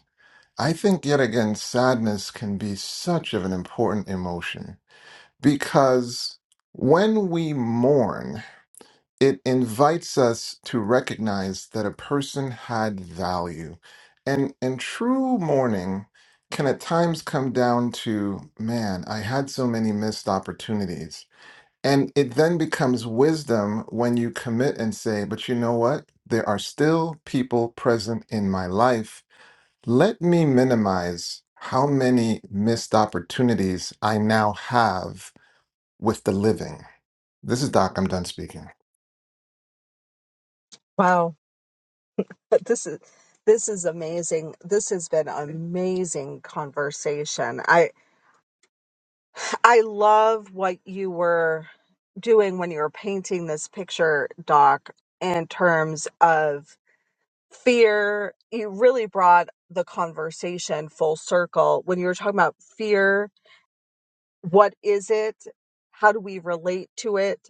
C: I think yet again, sadness can be such of an important emotion because when we mourn, it invites us to recognize that a person had value. And, and true mourning can at times come down to, man, I had so many missed opportunities. And it then becomes wisdom when you commit and say, but you know what? There are still people present in my life. Let me minimize how many missed opportunities I now have with the living this is Doc. I'm done speaking.
A: But this is this is amazing. This has been an amazing conversation. I I love what you were doing when you were painting this picture, Doc, in terms of fear. You really brought the conversation full circle when you were talking about fear. What is it? How do we relate to it?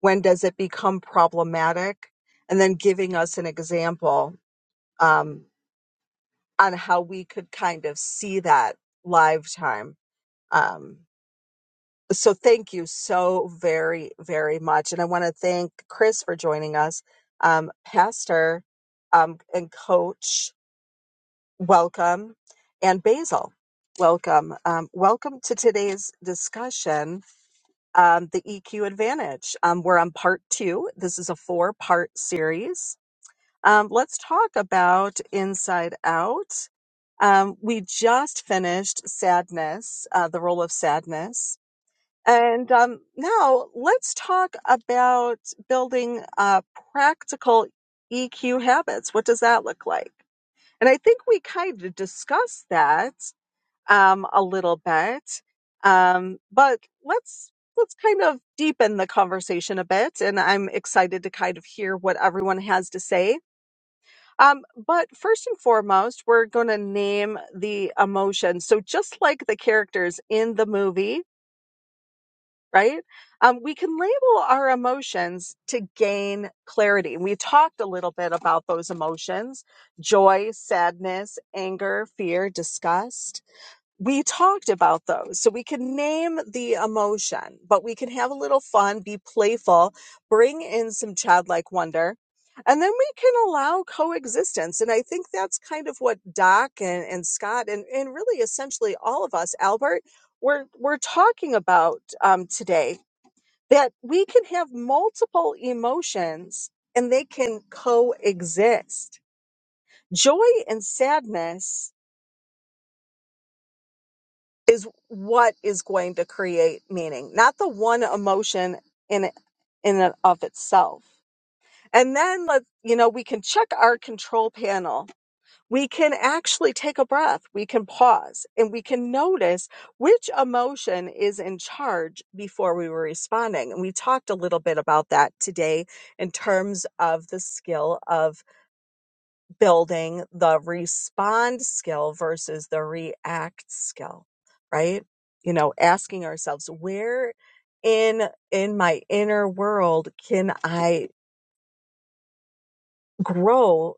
A: When does it become problematic? And then giving us an example. Um, on how we could kind of see that live time. Um, so thank you so very, very much. And I want to thank Chris for joining us, um, Pastor um, and Coach, welcome, and Basil, welcome. Um, welcome to today's discussion, um, the EQ Advantage. Um, we're on part two. This is a four part series um, let's talk about Inside Out. Um, we just finished Sadness, uh, the role of sadness. And um, now let's talk about building uh, practical EQ habits. What does that look like? And I think we kind of discussed that um, a little bit, um, but let's let's kind of deepen the conversation a bit. And I'm excited to kind of hear what everyone has to say um, but first and foremost, we're going to name the emotion. So, just like the characters in the movie, right? Um, we can label our emotions to gain clarity. And we talked a little bit about those emotions joy, sadness, anger, fear, disgust we talked about those. So we can name the emotion, but we can have a little fun, be playful, bring in some childlike wonder. And then we can allow coexistence. And I think that's kind of what Doc and, and Scott and, and really essentially all of us, Albert, we're, we're talking about um, today that we can have multiple emotions and they can coexist. Joy and sadness is what is going to create meaning, not the one emotion in in and of itself. And then let you know we can check our control panel. We can actually take a breath. We can pause and we can notice which emotion is in charge before we were responding. And we talked a little bit about that today in terms of the skill of building the respond skill versus the react skill right you know asking ourselves where in in my inner world can i grow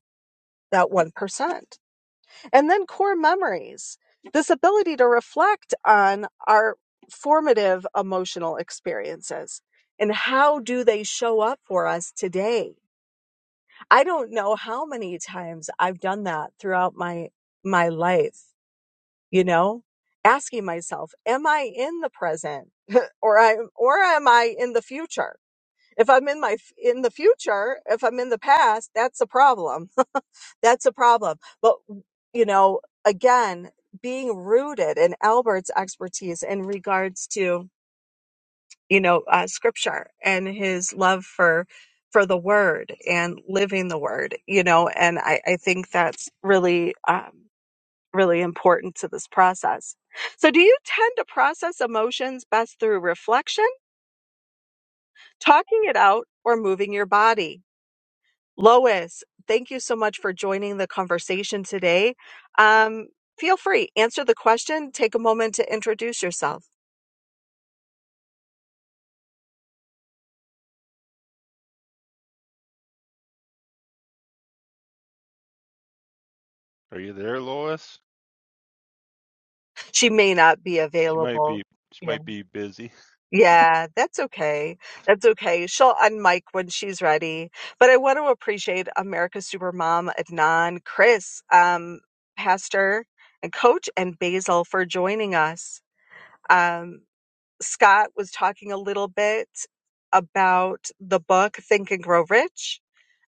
A: that 1% and then core memories this ability to reflect on our formative emotional experiences and how do they show up for us today i don't know how many times i've done that throughout my my life you know asking myself am i in the present <laughs> or i or am i in the future if i'm in my f- in the future if i'm in the past that's a problem <laughs> that's a problem but you know again being rooted in albert's expertise in regards to you know uh, scripture and his love for for the word and living the word you know and i i think that's really um really important to this process. So, do you tend to process emotions best through reflection, talking it out, or moving your body? Lois, thank you so much for joining the conversation today. Um, feel free, answer the question, take a moment to introduce yourself.
B: are you there lois
A: She may not be
B: She might
A: available.
B: be she
A: Yeah.
B: might be busy.
A: Yeah, that's okay. That's okay. She'll unmic when she's ready. But I want to appreciate America's Supermom Adnan, Chris, um, Pastor and Coach, and Basil for joining us. Um, Scott was talking a little bit about the book Think and Grow Rich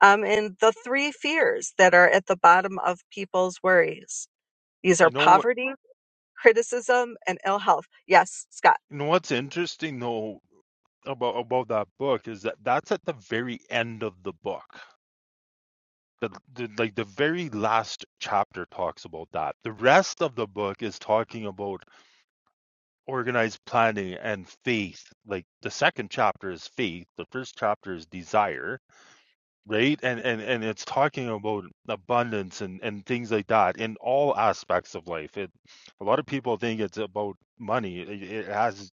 A: um, and the three fears that are at the bottom of people's worries. These are
B: You know what
A: poverty, criticism, and ill health. Yes, Scott.
B: you know what's interesting though about about that book is that that's at the very end of the book. The, the like the very last chapter talks about that. The rest of the book is talking about organized planning and faith. Like the second chapter is faith, the first chapter is desire, right and and and it's talking about abundance and and things like that in all aspects of life it a lot of people think it's about money it, it has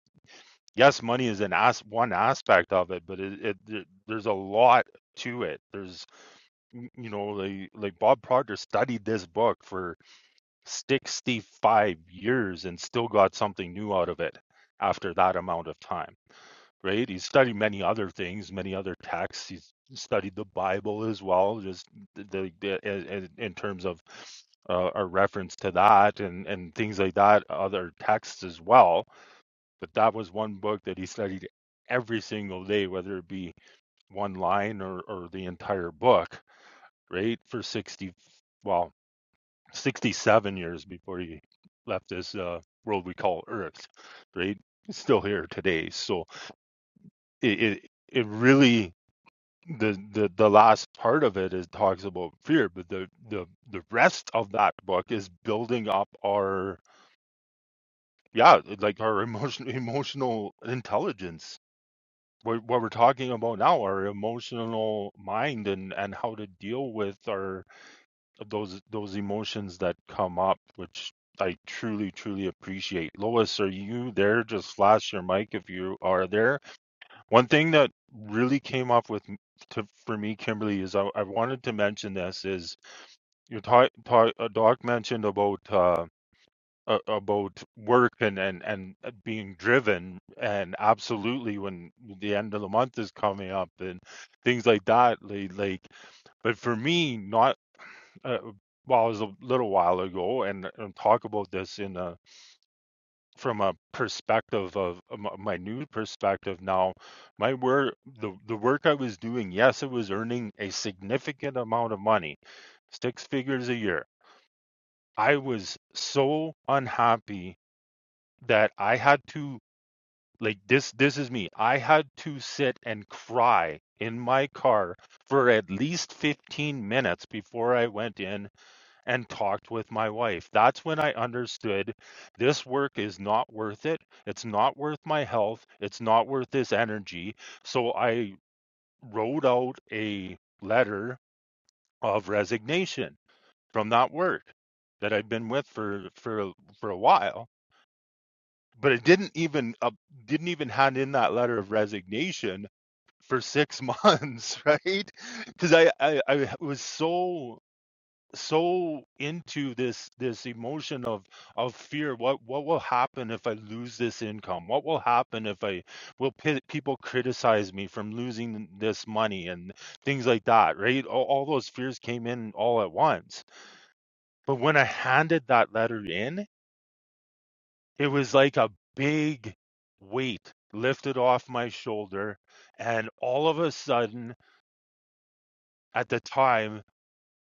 B: yes money is an as one aspect of it but it, it, it there's a lot to it there's y- you know like like bob proctor studied this book for 65 years and still got something new out of it after that amount of time right? He studied many other things, many other texts. He studied the Bible as well, just the, the, the in in terms of uh, a reference to that and and things like that, other texts as well. But that was one book that he studied every single day, whether it be one line or or the entire book, right? For sixty, well, sixty-seven years before he left this uh, world we call Earth, right? It's still here today. So it, it it really the the the last part of it is talks about fear, but the the the rest of that book is building up our yeah, like our <laughs> emotion emotional intelligence. What what we're talking about now, our emotional mind and and how to deal with our those those emotions that come up, which I truly truly appreciate. Lois, are you there? Just flash your mic if you are there, one thing that really came up with m- to, for me, Kimberly, is I, I wanted to mention this is your ta- ta- uh, doc mentioned about uh, uh, about work and, and and uh, being driven and absolutely when the end of the month is coming up and things like that. Like, like but for me, not uh, well, it was a little while ago, and, and talk about this in a from a perspective of uh, m- my new perspective now my work the, the work i was doing yes it was earning a significant amount of money six figures a year i was so unhappy that i had to like this this is me i had to sit and cry in my car for at least 15 minutes before i went in and talked with my wife. That's when I understood this work is not worth it. It's not worth my health. It's not worth this energy. So I wrote out a letter of resignation from that work that I'd been with for for for a while. But it didn't even uh, didn't even hand in that letter of resignation for six <laughs> months, right? Because I, I I was so so into this this emotion of of fear what what will happen if i lose this income what will happen if i will pe- people criticize me from losing this money and things like that right all, all those fears came in all at once but when i handed that letter in it was like a big weight lifted off my shoulder and all of a sudden at the time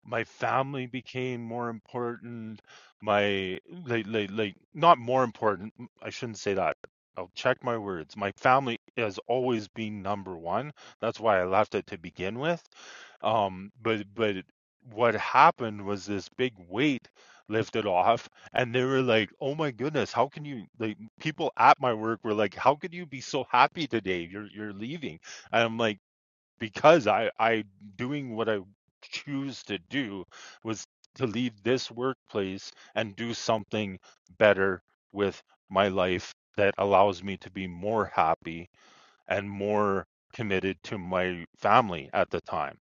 B: my family became more important my like, like like not more important I i shouldn't say that i'll check my words my family has always been number one that's why i left it to begin with um but but what happened was this big weight lifted off and they were like oh my goodness how can you like people at my work were like how could you be so happy today you're you're leaving and i'm like because I I doing what I choose to do was to leave this workplace and do something better with my life that allows me to be more happy and more committed to my family at the time.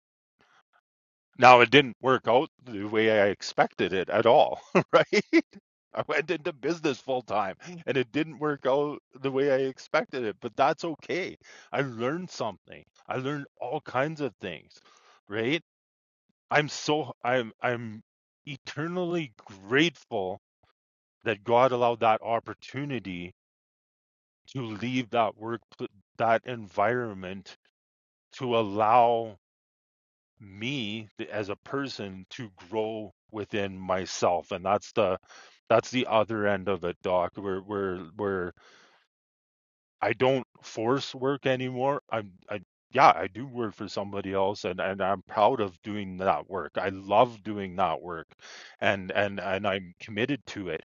B: Now it didn't work out the way I expected it at all, <laughs> right? I went into business full time and it didn't work out the way I expected it, but that's okay. I learned something. I learned all kinds of things, right? I'm so I'm I'm eternally grateful that God allowed that opportunity to leave that work pl- that environment to allow me th- as a person to grow within myself and that's the that's the other end of it doc where where where I don't force work anymore. I'm I yeah, I do work for somebody else and and I'm proud of doing that work. I love doing that work and and and I'm committed to it,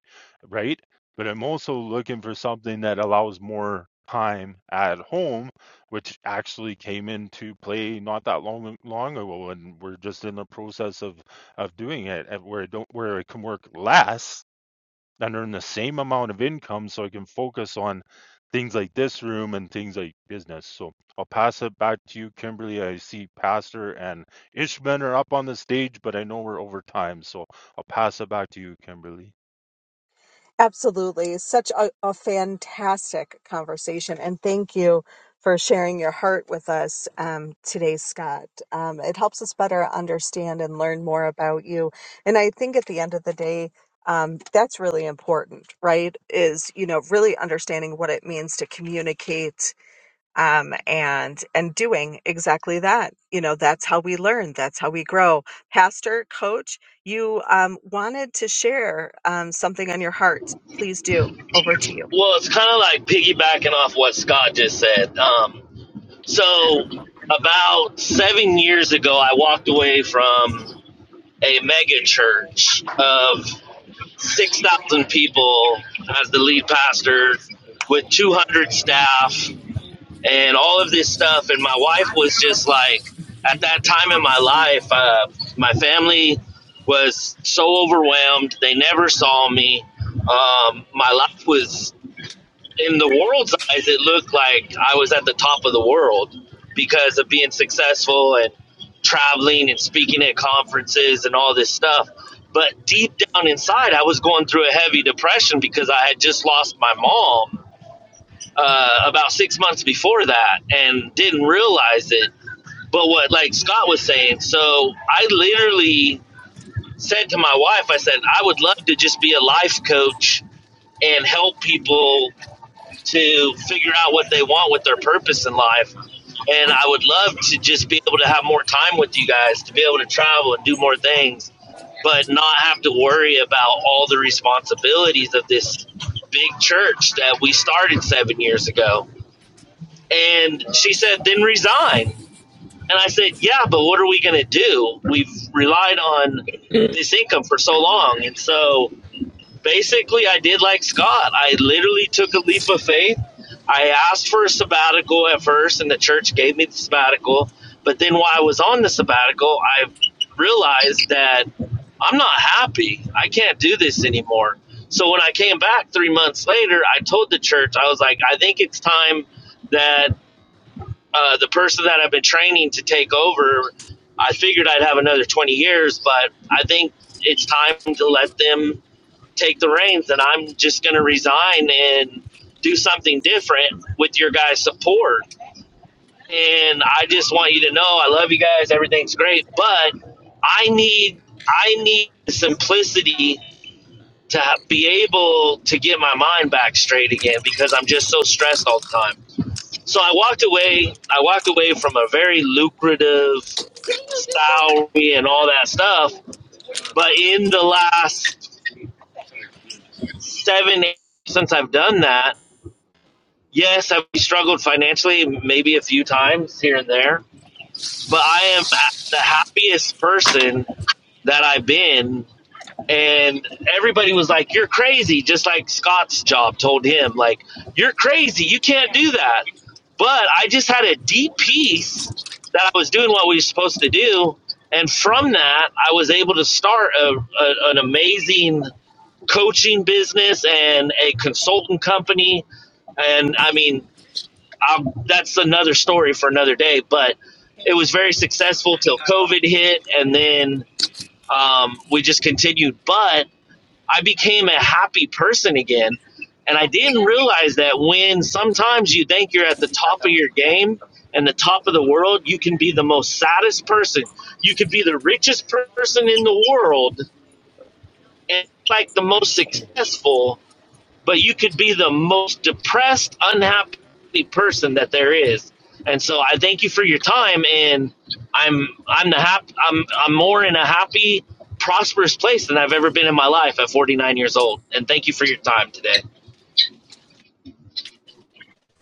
B: right? But I'm also looking for something that allows more time at home, which actually came into play not that long long ago and we're just in the process of of doing it and where I don't where I can work less and earn the same amount of income so I can focus on things like this room and things like business. So I'll pass it back to you, Kimberly. I see Pastor and Ishman are up on the stage, but I know we're over time. So I'll pass it back to you, Kimberly.
A: Absolutely. Such a, a fantastic conversation. And thank you for sharing your heart with us um, today, Scott. Um, it helps us better understand and learn more about you. And I think at the end of the day, um, that's really important, right? Is, you know, really understanding what it means to communicate um, and and doing exactly that. You know, that's how we learn. That's how we grow. Pastor, coach, you um, wanted to share um, something on your heart. Please do. Over to you.
E: Well, it's kind of like piggybacking off what Scott just said. Um, so, about seven years ago, I walked away from a mega church of 6,000 people as the lead pastor with 200 staff and all of this stuff. And my wife was just like, at that time in my life, uh, my family was so overwhelmed. They never saw me. Um, my life was in the world's eyes, it looked like I was at the top of the world because of being successful and traveling and speaking at conferences and all this stuff. But deep down inside, I was going through a heavy depression because I had just lost my mom uh, about six months before that and didn't realize it. But what, like Scott was saying, so I literally said to my wife, I said, I would love to just be a life coach and help people to figure out what they want with their purpose in life. And I would love to just be able to have more time with you guys, to be able to travel and do more things, but not have to worry about all the responsibilities of this big church that we started seven years ago. And she said, then resign. And I said, yeah, but what are we going to do? We've relied on this income for so long. And so basically I did like Scott. I literally took a leap of faith. I asked for a sabbatical at first and the church gave me the sabbatical, but then while I was on the sabbatical, I realized that I'm not happy. I can't do this anymore. So when I came back 3 months later, I told the church I was like I think it's time that uh, the person that I've been training to take over, I figured I'd have another 20 years, but I think it's time to let them take the reins and I'm just going to resign and do something different with your guys' support. And I just want you to know I love you guys. Everything's great, but I need I need simplicity to be able to get my mind back straight again because I'm just so stressed all the time. So I walked away. I walked away from a very lucrative salary and all that stuff. But in the last seven, eight, years since I've done that, Yes, I've struggled financially maybe a few times here and there, but I am the happiest person that I've been. And everybody was like, You're crazy, just like Scott's job told him, like, You're crazy, you can't do that. But I just had a deep peace that I was doing what we were supposed to do. And from that, I was able to start a, a, an amazing coaching business and a consultant company and I mean, um, that's another story for another day. But it was very successful till COVID hit, and then um, we just continued. But I became a happy person again, and I didn't realize that when sometimes you think you're at the top of your game and the top of the world, you can be the most saddest person. You could be the richest person in the world and like the most successful, but you could be the most depressed, unhappy person that there is. And so I thank you for your time and I'm I'm the hap- I'm I'm more in a happy, prosperous place than I've ever been in my life at 49 years old. And thank you for your time today.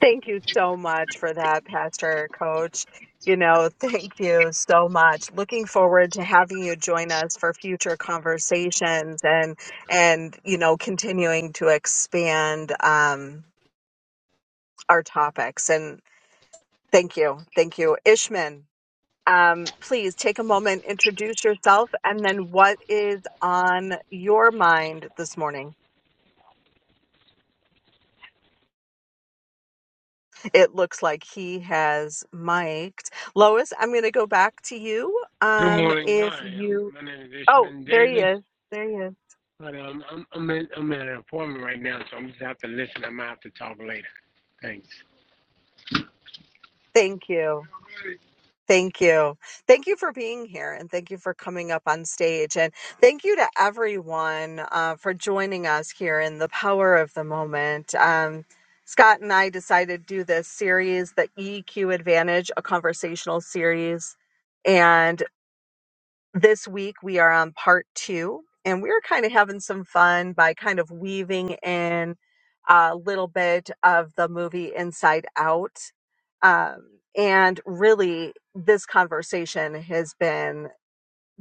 A: Thank you so much for that, Pastor, coach. You know, thank you so much. Looking forward to having you join us for future conversations and and you know continuing to expand um, our topics. And thank you, thank you, Ishman. um, please take a moment, introduce yourself, and then what is on your mind this morning? It looks like he has mic'd. Lois, I'm going to go back to you.
F: Good
A: Um,
F: morning.
A: if
F: Hi, um,
A: you,
F: my name is
A: oh,
F: Ishman
A: there he
F: Davis,
A: is. There he is.
F: but um, I'm I'm in, I'm in an appointment right now, so I'm just have to listen. I might have to talk later. Thanks.
A: Thank you. Thank you. Thank you for being here and thank you for coming up on stage. And thank you to everyone uh, for joining us here in the power of the moment. Um, Scott and I decided to do this series, the EQ Advantage, a conversational series. and. This week we are on part two, and we're kind of having some fun by kind of weaving in a little bit of the movie Inside Out. Um, and really, this conversation has been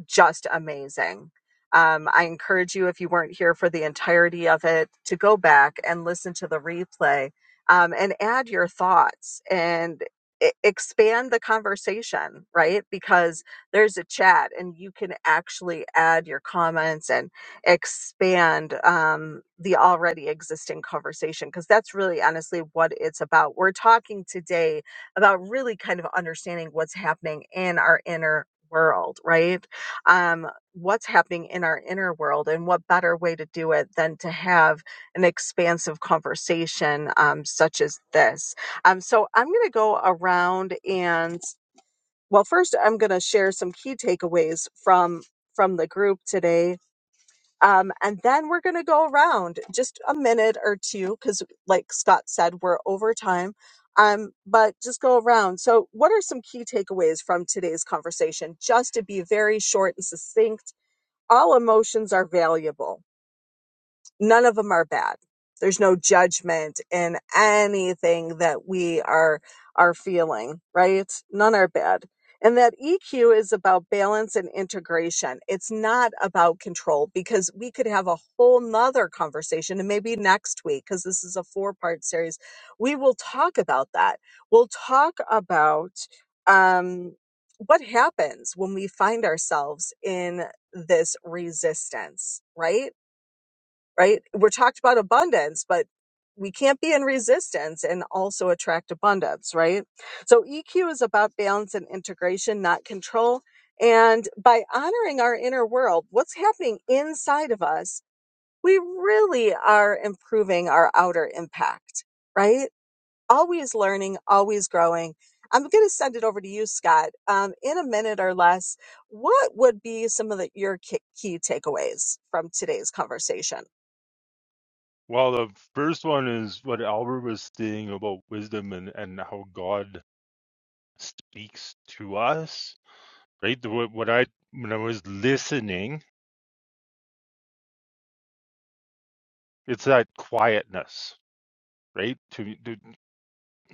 A: just amazing. Um, I encourage you, if you weren't here for the entirety of it, to go back and listen to the replay um, and add your thoughts and e- expand the conversation, right? Because there's a chat and you can actually add your comments and expand um, the already existing conversation because that's really honestly what it's about. We're talking today about really kind of understanding what's happening in our inner world, right? um, what's happening in our inner world. And what better way to do it than to have an expansive conversation um, such as this? Um, so I'm going to go around and, well, first, I'm going to share some key takeaways from from the group today um, and then we're going to go around just a minute or two because, like Scott said, we're over time. Um, but just go around. So, what are some key takeaways from today's conversation? Just to be very short and succinct all emotions are valuable none of them are bad. There's no judgment in anything that we are are feeling, right? None are bad. And that EQ is about balance and integration. It's not about control because we could have a whole nother conversation and maybe next week, because this is a four part series, we will talk about that. We'll talk about um, what happens when we find ourselves in this resistance, right? right? We're talked about abundance, but we can't be in resistance and also attract abundance, right? So EQ is about balance and integration, not control. And by honoring our inner world, what's happening inside of us, we really are improving our outer impact, right? Always learning, always growing. I'm going to send it over to you, Scott. Um, in a minute or less, what would be some of the, your ki- key takeaways from today's conversation?
B: Well, the first one is what Albert was saying about wisdom and, and how God speaks to us, right? The- What, what I, when I was listening, it's that quietness, right? To,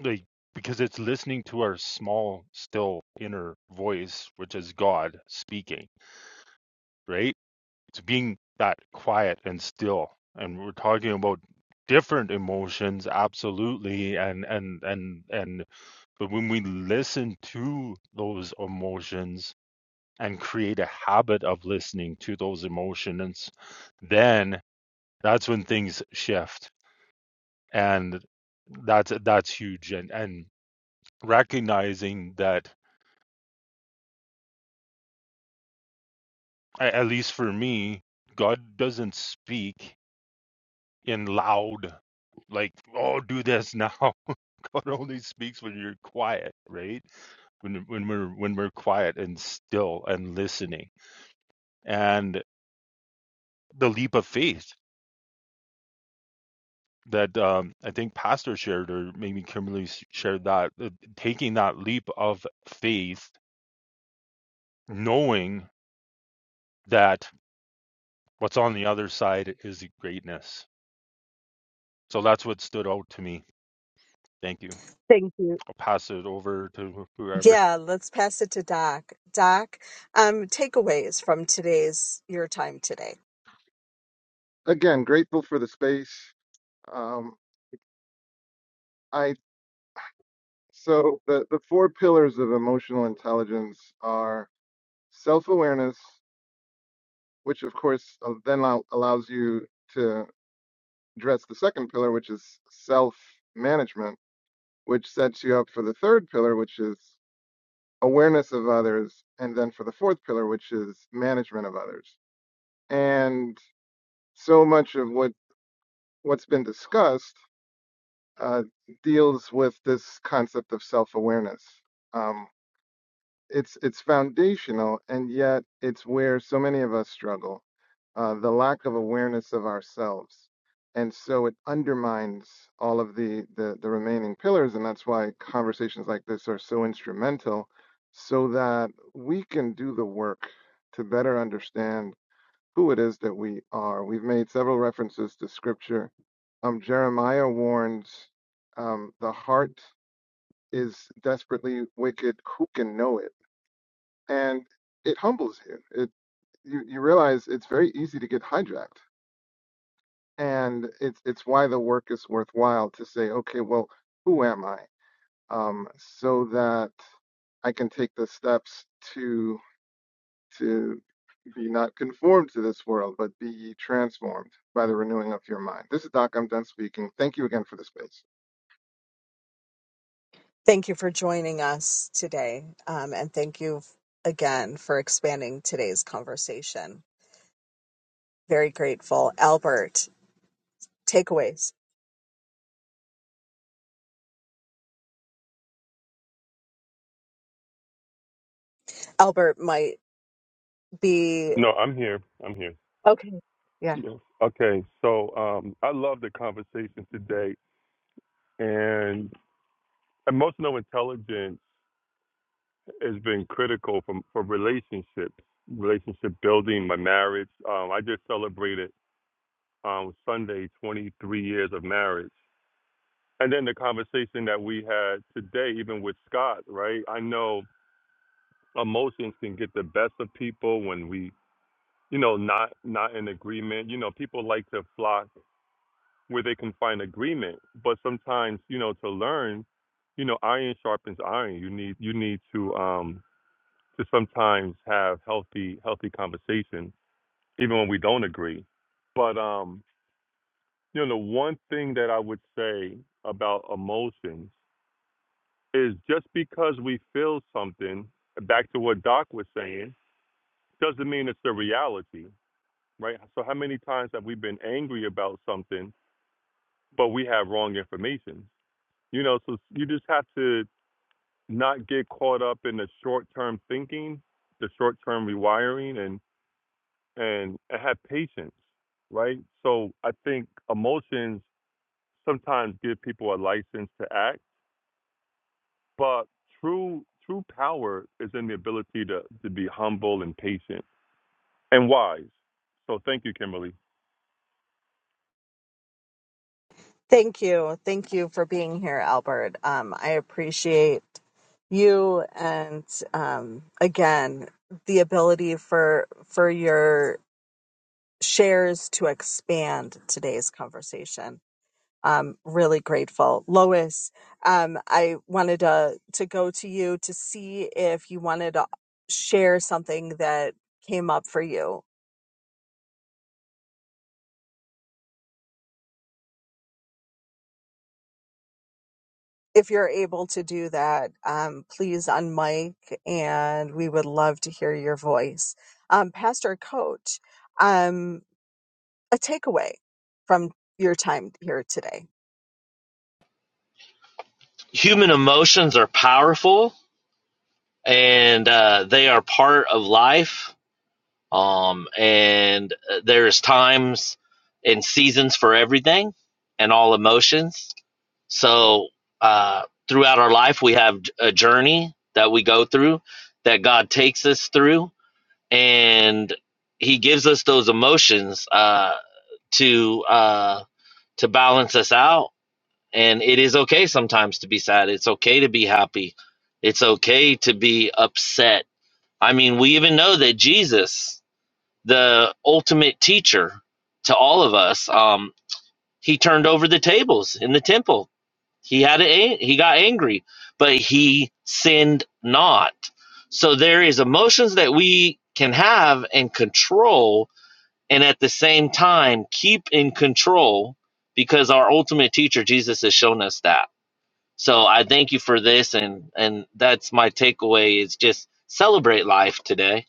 B: like because it's listening to our small still inner voice which is god speaking right it's being that quiet and still and we're talking about different emotions absolutely and and and and but when we listen to those emotions and create a habit of listening to those emotions then that's when things shift and that's that's huge and and recognizing that a- at least for me, God doesn't speak in loud, like, oh, do this now. <laughs> God only speaks when you're quiet, right? When, when we're when we're quiet and still and listening, and the leap of faith that um, I think Pastor shared, or maybe Kimberly s- shared that, uh, taking that leap of faith, knowing that what's on the other side is greatness. So that's what stood out to me. Thank you.
A: Thank you.
B: I'll pass it over to whoever.
A: Yeah, let's pass it to Doc. Doc, um, takeaways from today's your time today.
C: Again, grateful for the space. Um, I so the the four pillars of emotional intelligence are self awareness, which of course uh, then allow, allows you to address the second pillar, which is self management, which sets you up for the third pillar, which is awareness of others, and then for the fourth pillar, which is management of others. And so much of what what's been discussed uh, deals with this concept of self-awareness. Um, it's it's foundational, and yet it's where so many of us struggle, uh, the lack of awareness of ourselves, and so it undermines all of the, the the remaining pillars, and that's why conversations like this are so instrumental, so that we can do the work to better understand who it is that we are. We've made several references to scripture. Um, Jeremiah warns um, the heart is desperately wicked. Who can know it? And it humbles you. It you, you realize it's very easy to get hijacked. And it's it's why the work is worthwhile to say, okay, well, who am I? Um, so that I can take the steps to. to be not conformed to this world, but be ye transformed by the renewing of your mind. This is Doc. I'm done speaking. Thank you again for the space.
A: Thank you for joining us today, um, and thank you f- again for expanding today's conversation. Very grateful, Albert. Takeaways. Albert might be
D: No, I'm here. I'm here.
A: okay. Yeah.
D: Yes. Okay, so um, I love the conversation today, and emotional intelligence. has been critical for for relationships, relationship building, my marriage. Um, I just celebrated um, Sunday 23 years of marriage, and then the conversation that we had today, even with Scott, right? I know emotions can get the best of people when we, you know, not not in agreement. You know, people like to flock where they can find agreement, but sometimes, you know, to learn, you know, iron sharpens iron. You need you need to um to sometimes have healthy healthy conversation even when we don't agree but um you know one thing that i would say about emotions is just because we feel something back to what doc was saying doesn't mean it's the reality right so how many times have we been angry about something but we have wrong information you know so you just have to not get caught up in the short term thinking the short term rewiring and and and have patience, right? So I think emotions sometimes give people a license to act, but true true power is in the ability to to be humble and patient and wise. So thank you, Kimberly.
A: Thank you. Thank you for being here, Albert. Um, I appreciate you, and um, again, the ability for for your shares to expand today's conversation. i really grateful. Lois, um, I wanted to, to go to you to see if you wanted to share something that came up for you. If you're able to do that, um, please unmic and we would love to hear your voice. Um, Pastor Coach, um, a takeaway from your time here today.
E: Human emotions are powerful and uh, they are part of life um, and uh, there's times and seasons for everything and all emotions so uh, throughout our life we have a journey that we go through that god takes us through and he gives us those emotions uh, to uh, to balance us out and it is okay sometimes to be sad it's okay to be happy it's okay to be upset i mean we even know that jesus the ultimate teacher to all of us. Um, he turned over the tables in the temple. He had a, he got angry, but he sinned not. So there is emotions that we can have and control, and at the same time keep in control because our ultimate teacher Jesus has shown us that. So I thank you for this, and and that's my takeaway is just celebrate life today.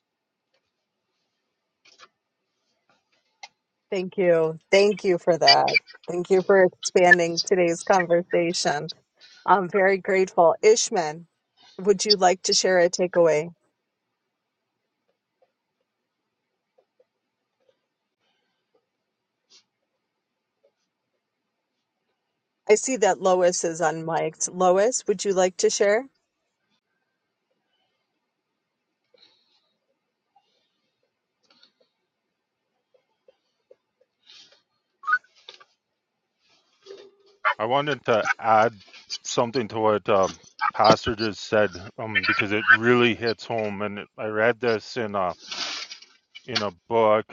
A: Thank you. Thank you for that. Thank you for expanding today's conversation. I'm very grateful. Ishman, would you like to share a takeaway? I see that Lois is unmiked. Lois, would you like to share?
B: I wanted to add something to what um, Pastor just said um, because it really hits home. And it- I read this in a in a book.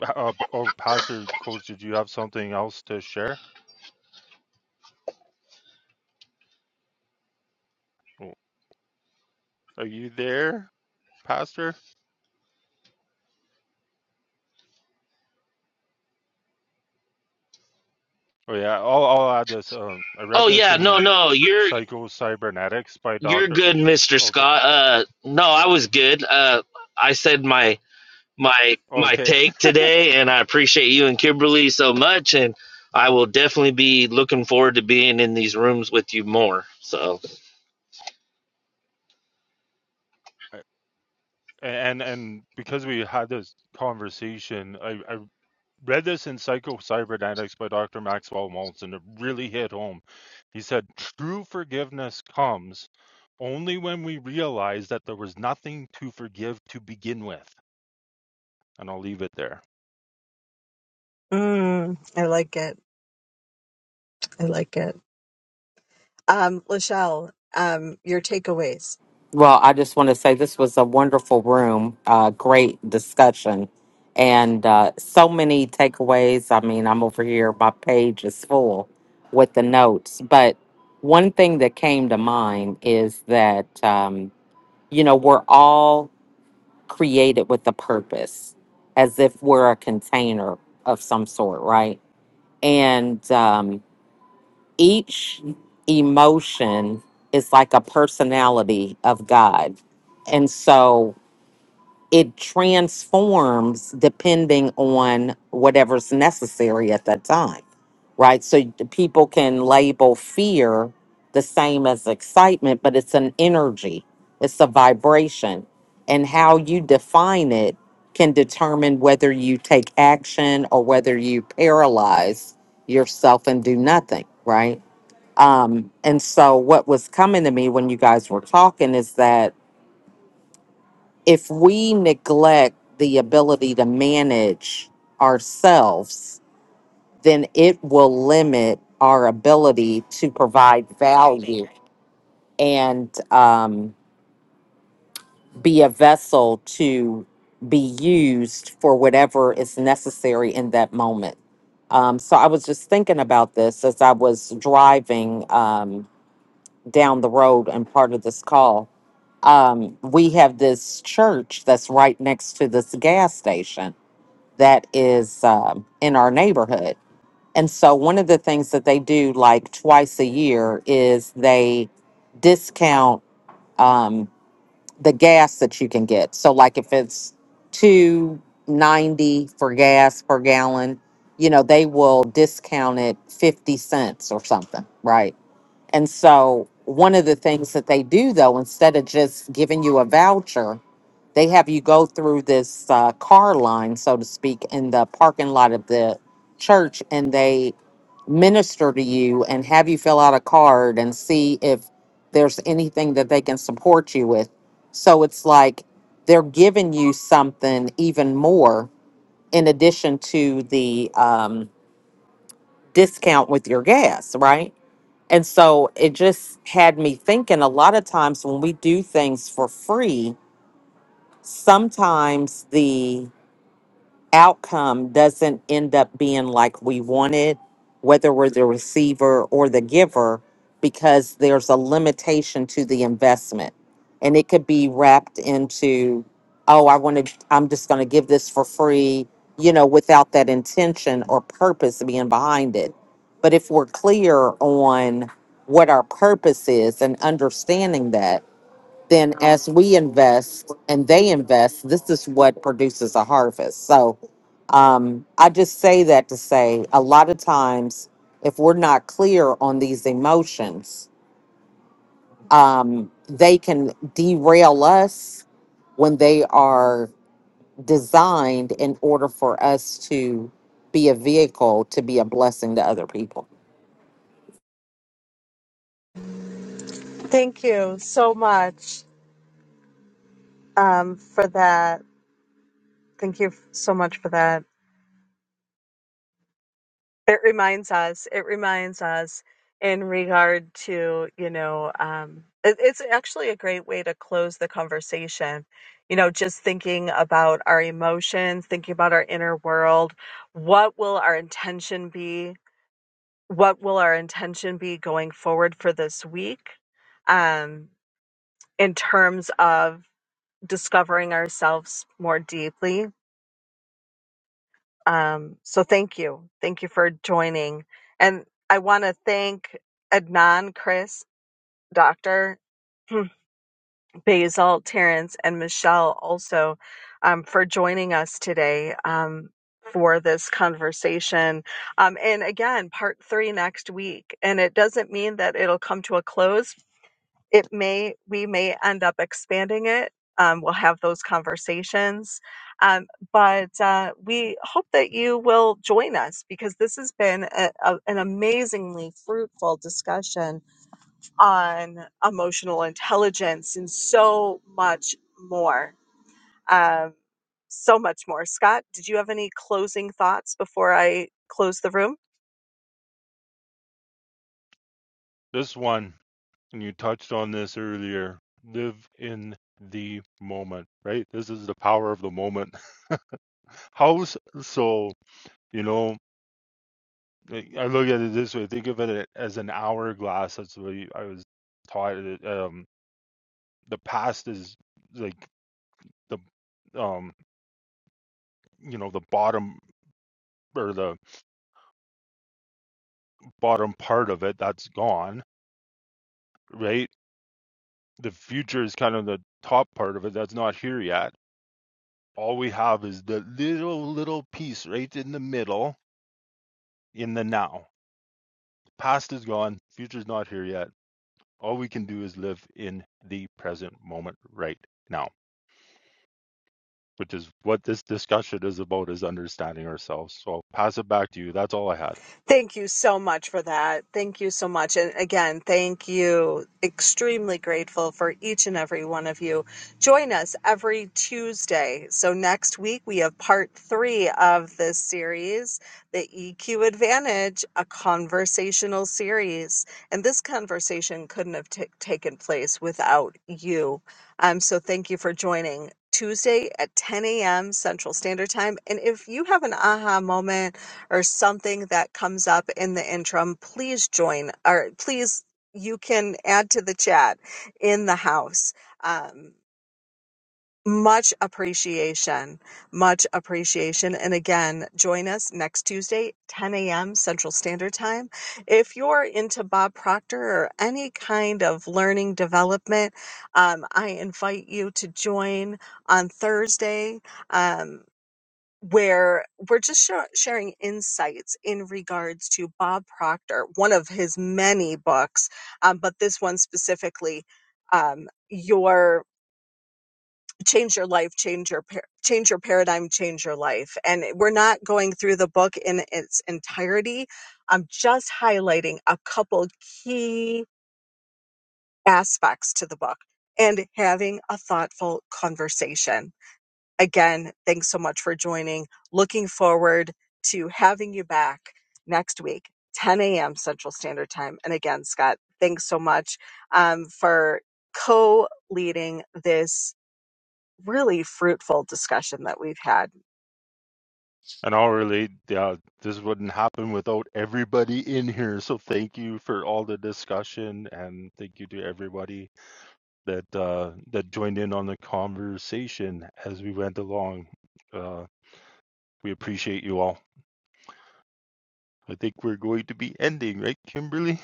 B: Uh, oh, Pastor Coach, did you have something else to share? Oh, Are you there, Pastor? Oh yeah, I'll I'll add this. Um, I read
E: Oh
B: this
E: yeah, no,
B: in
E: no, you're
B: Psycho Cybernetics by
E: You're
B: Doctor.
E: good, Mr.
B: Okay,
E: Scott. Uh, no, I was good. Uh, I said my my my
B: okay.
E: take today, and I appreciate you and Kimberly so much. And I will definitely be looking forward to being in these rooms with you more. So.
B: <laughs> and and because we had this conversation, I, I read this in Psycho Cybernetics by Dr. Maxwell Maltz, and it really hit home. He said, True forgiveness comes only when we realize that there was nothing to forgive to begin with. And I'll leave it there.
A: Mm, I like it. I like it. Um, Lachelle, um, your takeaways.
G: Well, I just want to say this was a wonderful room, uh, great discussion, and uh, so many takeaways. I mean, I'm over here, my page is full with the notes. But one thing that came to mind is that, um, you know, we're all created with a purpose, as if we're a container of some sort, right? And, um, each emotion is like a personality of God. And so it transforms depending on whatever's necessary at that time, right? So the people can label fear the same as excitement, but it's an energy, it's a vibration. And how you define it can determine whether you take action or whether you paralyze yourself and do nothing, right? Um, and so, what was coming to me when you guys were talking is that if we neglect the ability to manage ourselves, then it will limit our ability to provide value and um, be a vessel to be used for whatever is necessary in that moment. Um, so, I was just thinking about this as I was driving um, down the road and part of this call um, we have this church that's right next to this gas station that is um, in our neighborhood. And so, one of the things that they do like twice a year is they discount um, the gas that you can get. So, like if it's two ninety for gas per gallon, you know they will discount it fifty cents or something, right? And so, one of the things that they do though, instead of just giving you a voucher, they have you go through this uh, car line, so to speak, in the parking lot of the church, and they minister to you and have you fill out a card and see if there's anything that they can support you with. So it's like they're giving you something even more in addition to the um, discount with your gas, right? And so it just had me thinking a lot of times when we do things for free, sometimes the outcome doesn't end up being like we wanted, whether we're the receiver or the giver, because there's a limitation to the investment. And it could be wrapped into, oh, I want to, I'm just going to give this for free, you know, without that intention or purpose being behind it. But if we're clear on what our purpose is and understanding that, then as we invest and they invest, this is what produces a harvest. So um, I just say that to say a lot of times, if we're not clear on these emotions, um, they can derail us when they are designed in order for us to be a vehicle to be a blessing to other people.
A: Thank you so much um, for that. Thank you so much for that. It reminds us. It reminds us in regard to, you know, um, it, it's actually a great way to close the conversation. You know, just thinking about our emotions, thinking about our inner world. What will our intention be? What will our intention be going forward for this week um, in terms of discovering ourselves more deeply? Um, so thank you. Thank you for joining. And I want to thank Adnan, Chris, Dr. <clears throat> Basil, Terrence, and Michelle also um, for joining us today um, for this conversation. Um, and again, part three next week. And it doesn't mean that it'll come to a close it may we may end up expanding it um, we'll have those conversations um, but uh, we hope that you will join us because this has been a, a, an amazingly fruitful discussion on emotional intelligence and so much more um, so much more scott did you have any closing thoughts before i close the room
B: This one, and you touched on this earlier, live in the moment, right? This is the power of the moment. How s- so, you know, I I look at it this way think of it as an hourglass. That's what I was taught. Um, the past is like the um you know the bottom or the bottom part of it that's gone right the future is kind of the top part of it that's not here yet all we have is the little little piece right in the middle in the now past is gone future's not here yet all we can do is live in the present moment right now which is what this discussion is about is understanding ourselves so I'll pass it back to you that's all i had
A: Thank you so much for that. Thank you so much. And again, thank you. Extremely grateful for each and every one of you. Join us every Tuesday. So next week, we have part three of this series, the EQ Advantage, a conversational series. And this conversation couldn't have ta- taken place without you. Um, so thank you for joining. Tuesday at 10 a.m. Central Standard Time. And if you have an aha moment, or something that comes up in the interim, please join or please you can add to the chat in the house. Um, much appreciation, much appreciation. And again, join us next Tuesday, 10 a.m. Central Standard Time. If you're into Bob Proctor or any kind of learning development, um, I invite you to join on Thursday. Um, where we're just sha- sharing insights in regards to Bob Proctor, one of his many books, um, but this one specifically, um, your change your life, change your par- change your paradigm, change your life. And we're not going through the book in its entirety. I'm just highlighting a couple key aspects to the book and having a thoughtful conversation again, thanks so much for joining. Looking forward to having you back next week, 10 a.m. Central Standard Time. And again, Scott, thanks so much um, for co leading this really fruitful discussion that we've had.
B: And I'll yeah, this wouldn't happen without everybody in here. So thank you for all the discussion and thank you to everybody that uh, that joined in on the conversation as we went along. Uh, we appreciate you all. I think we're going to be ending, right, Kimberly?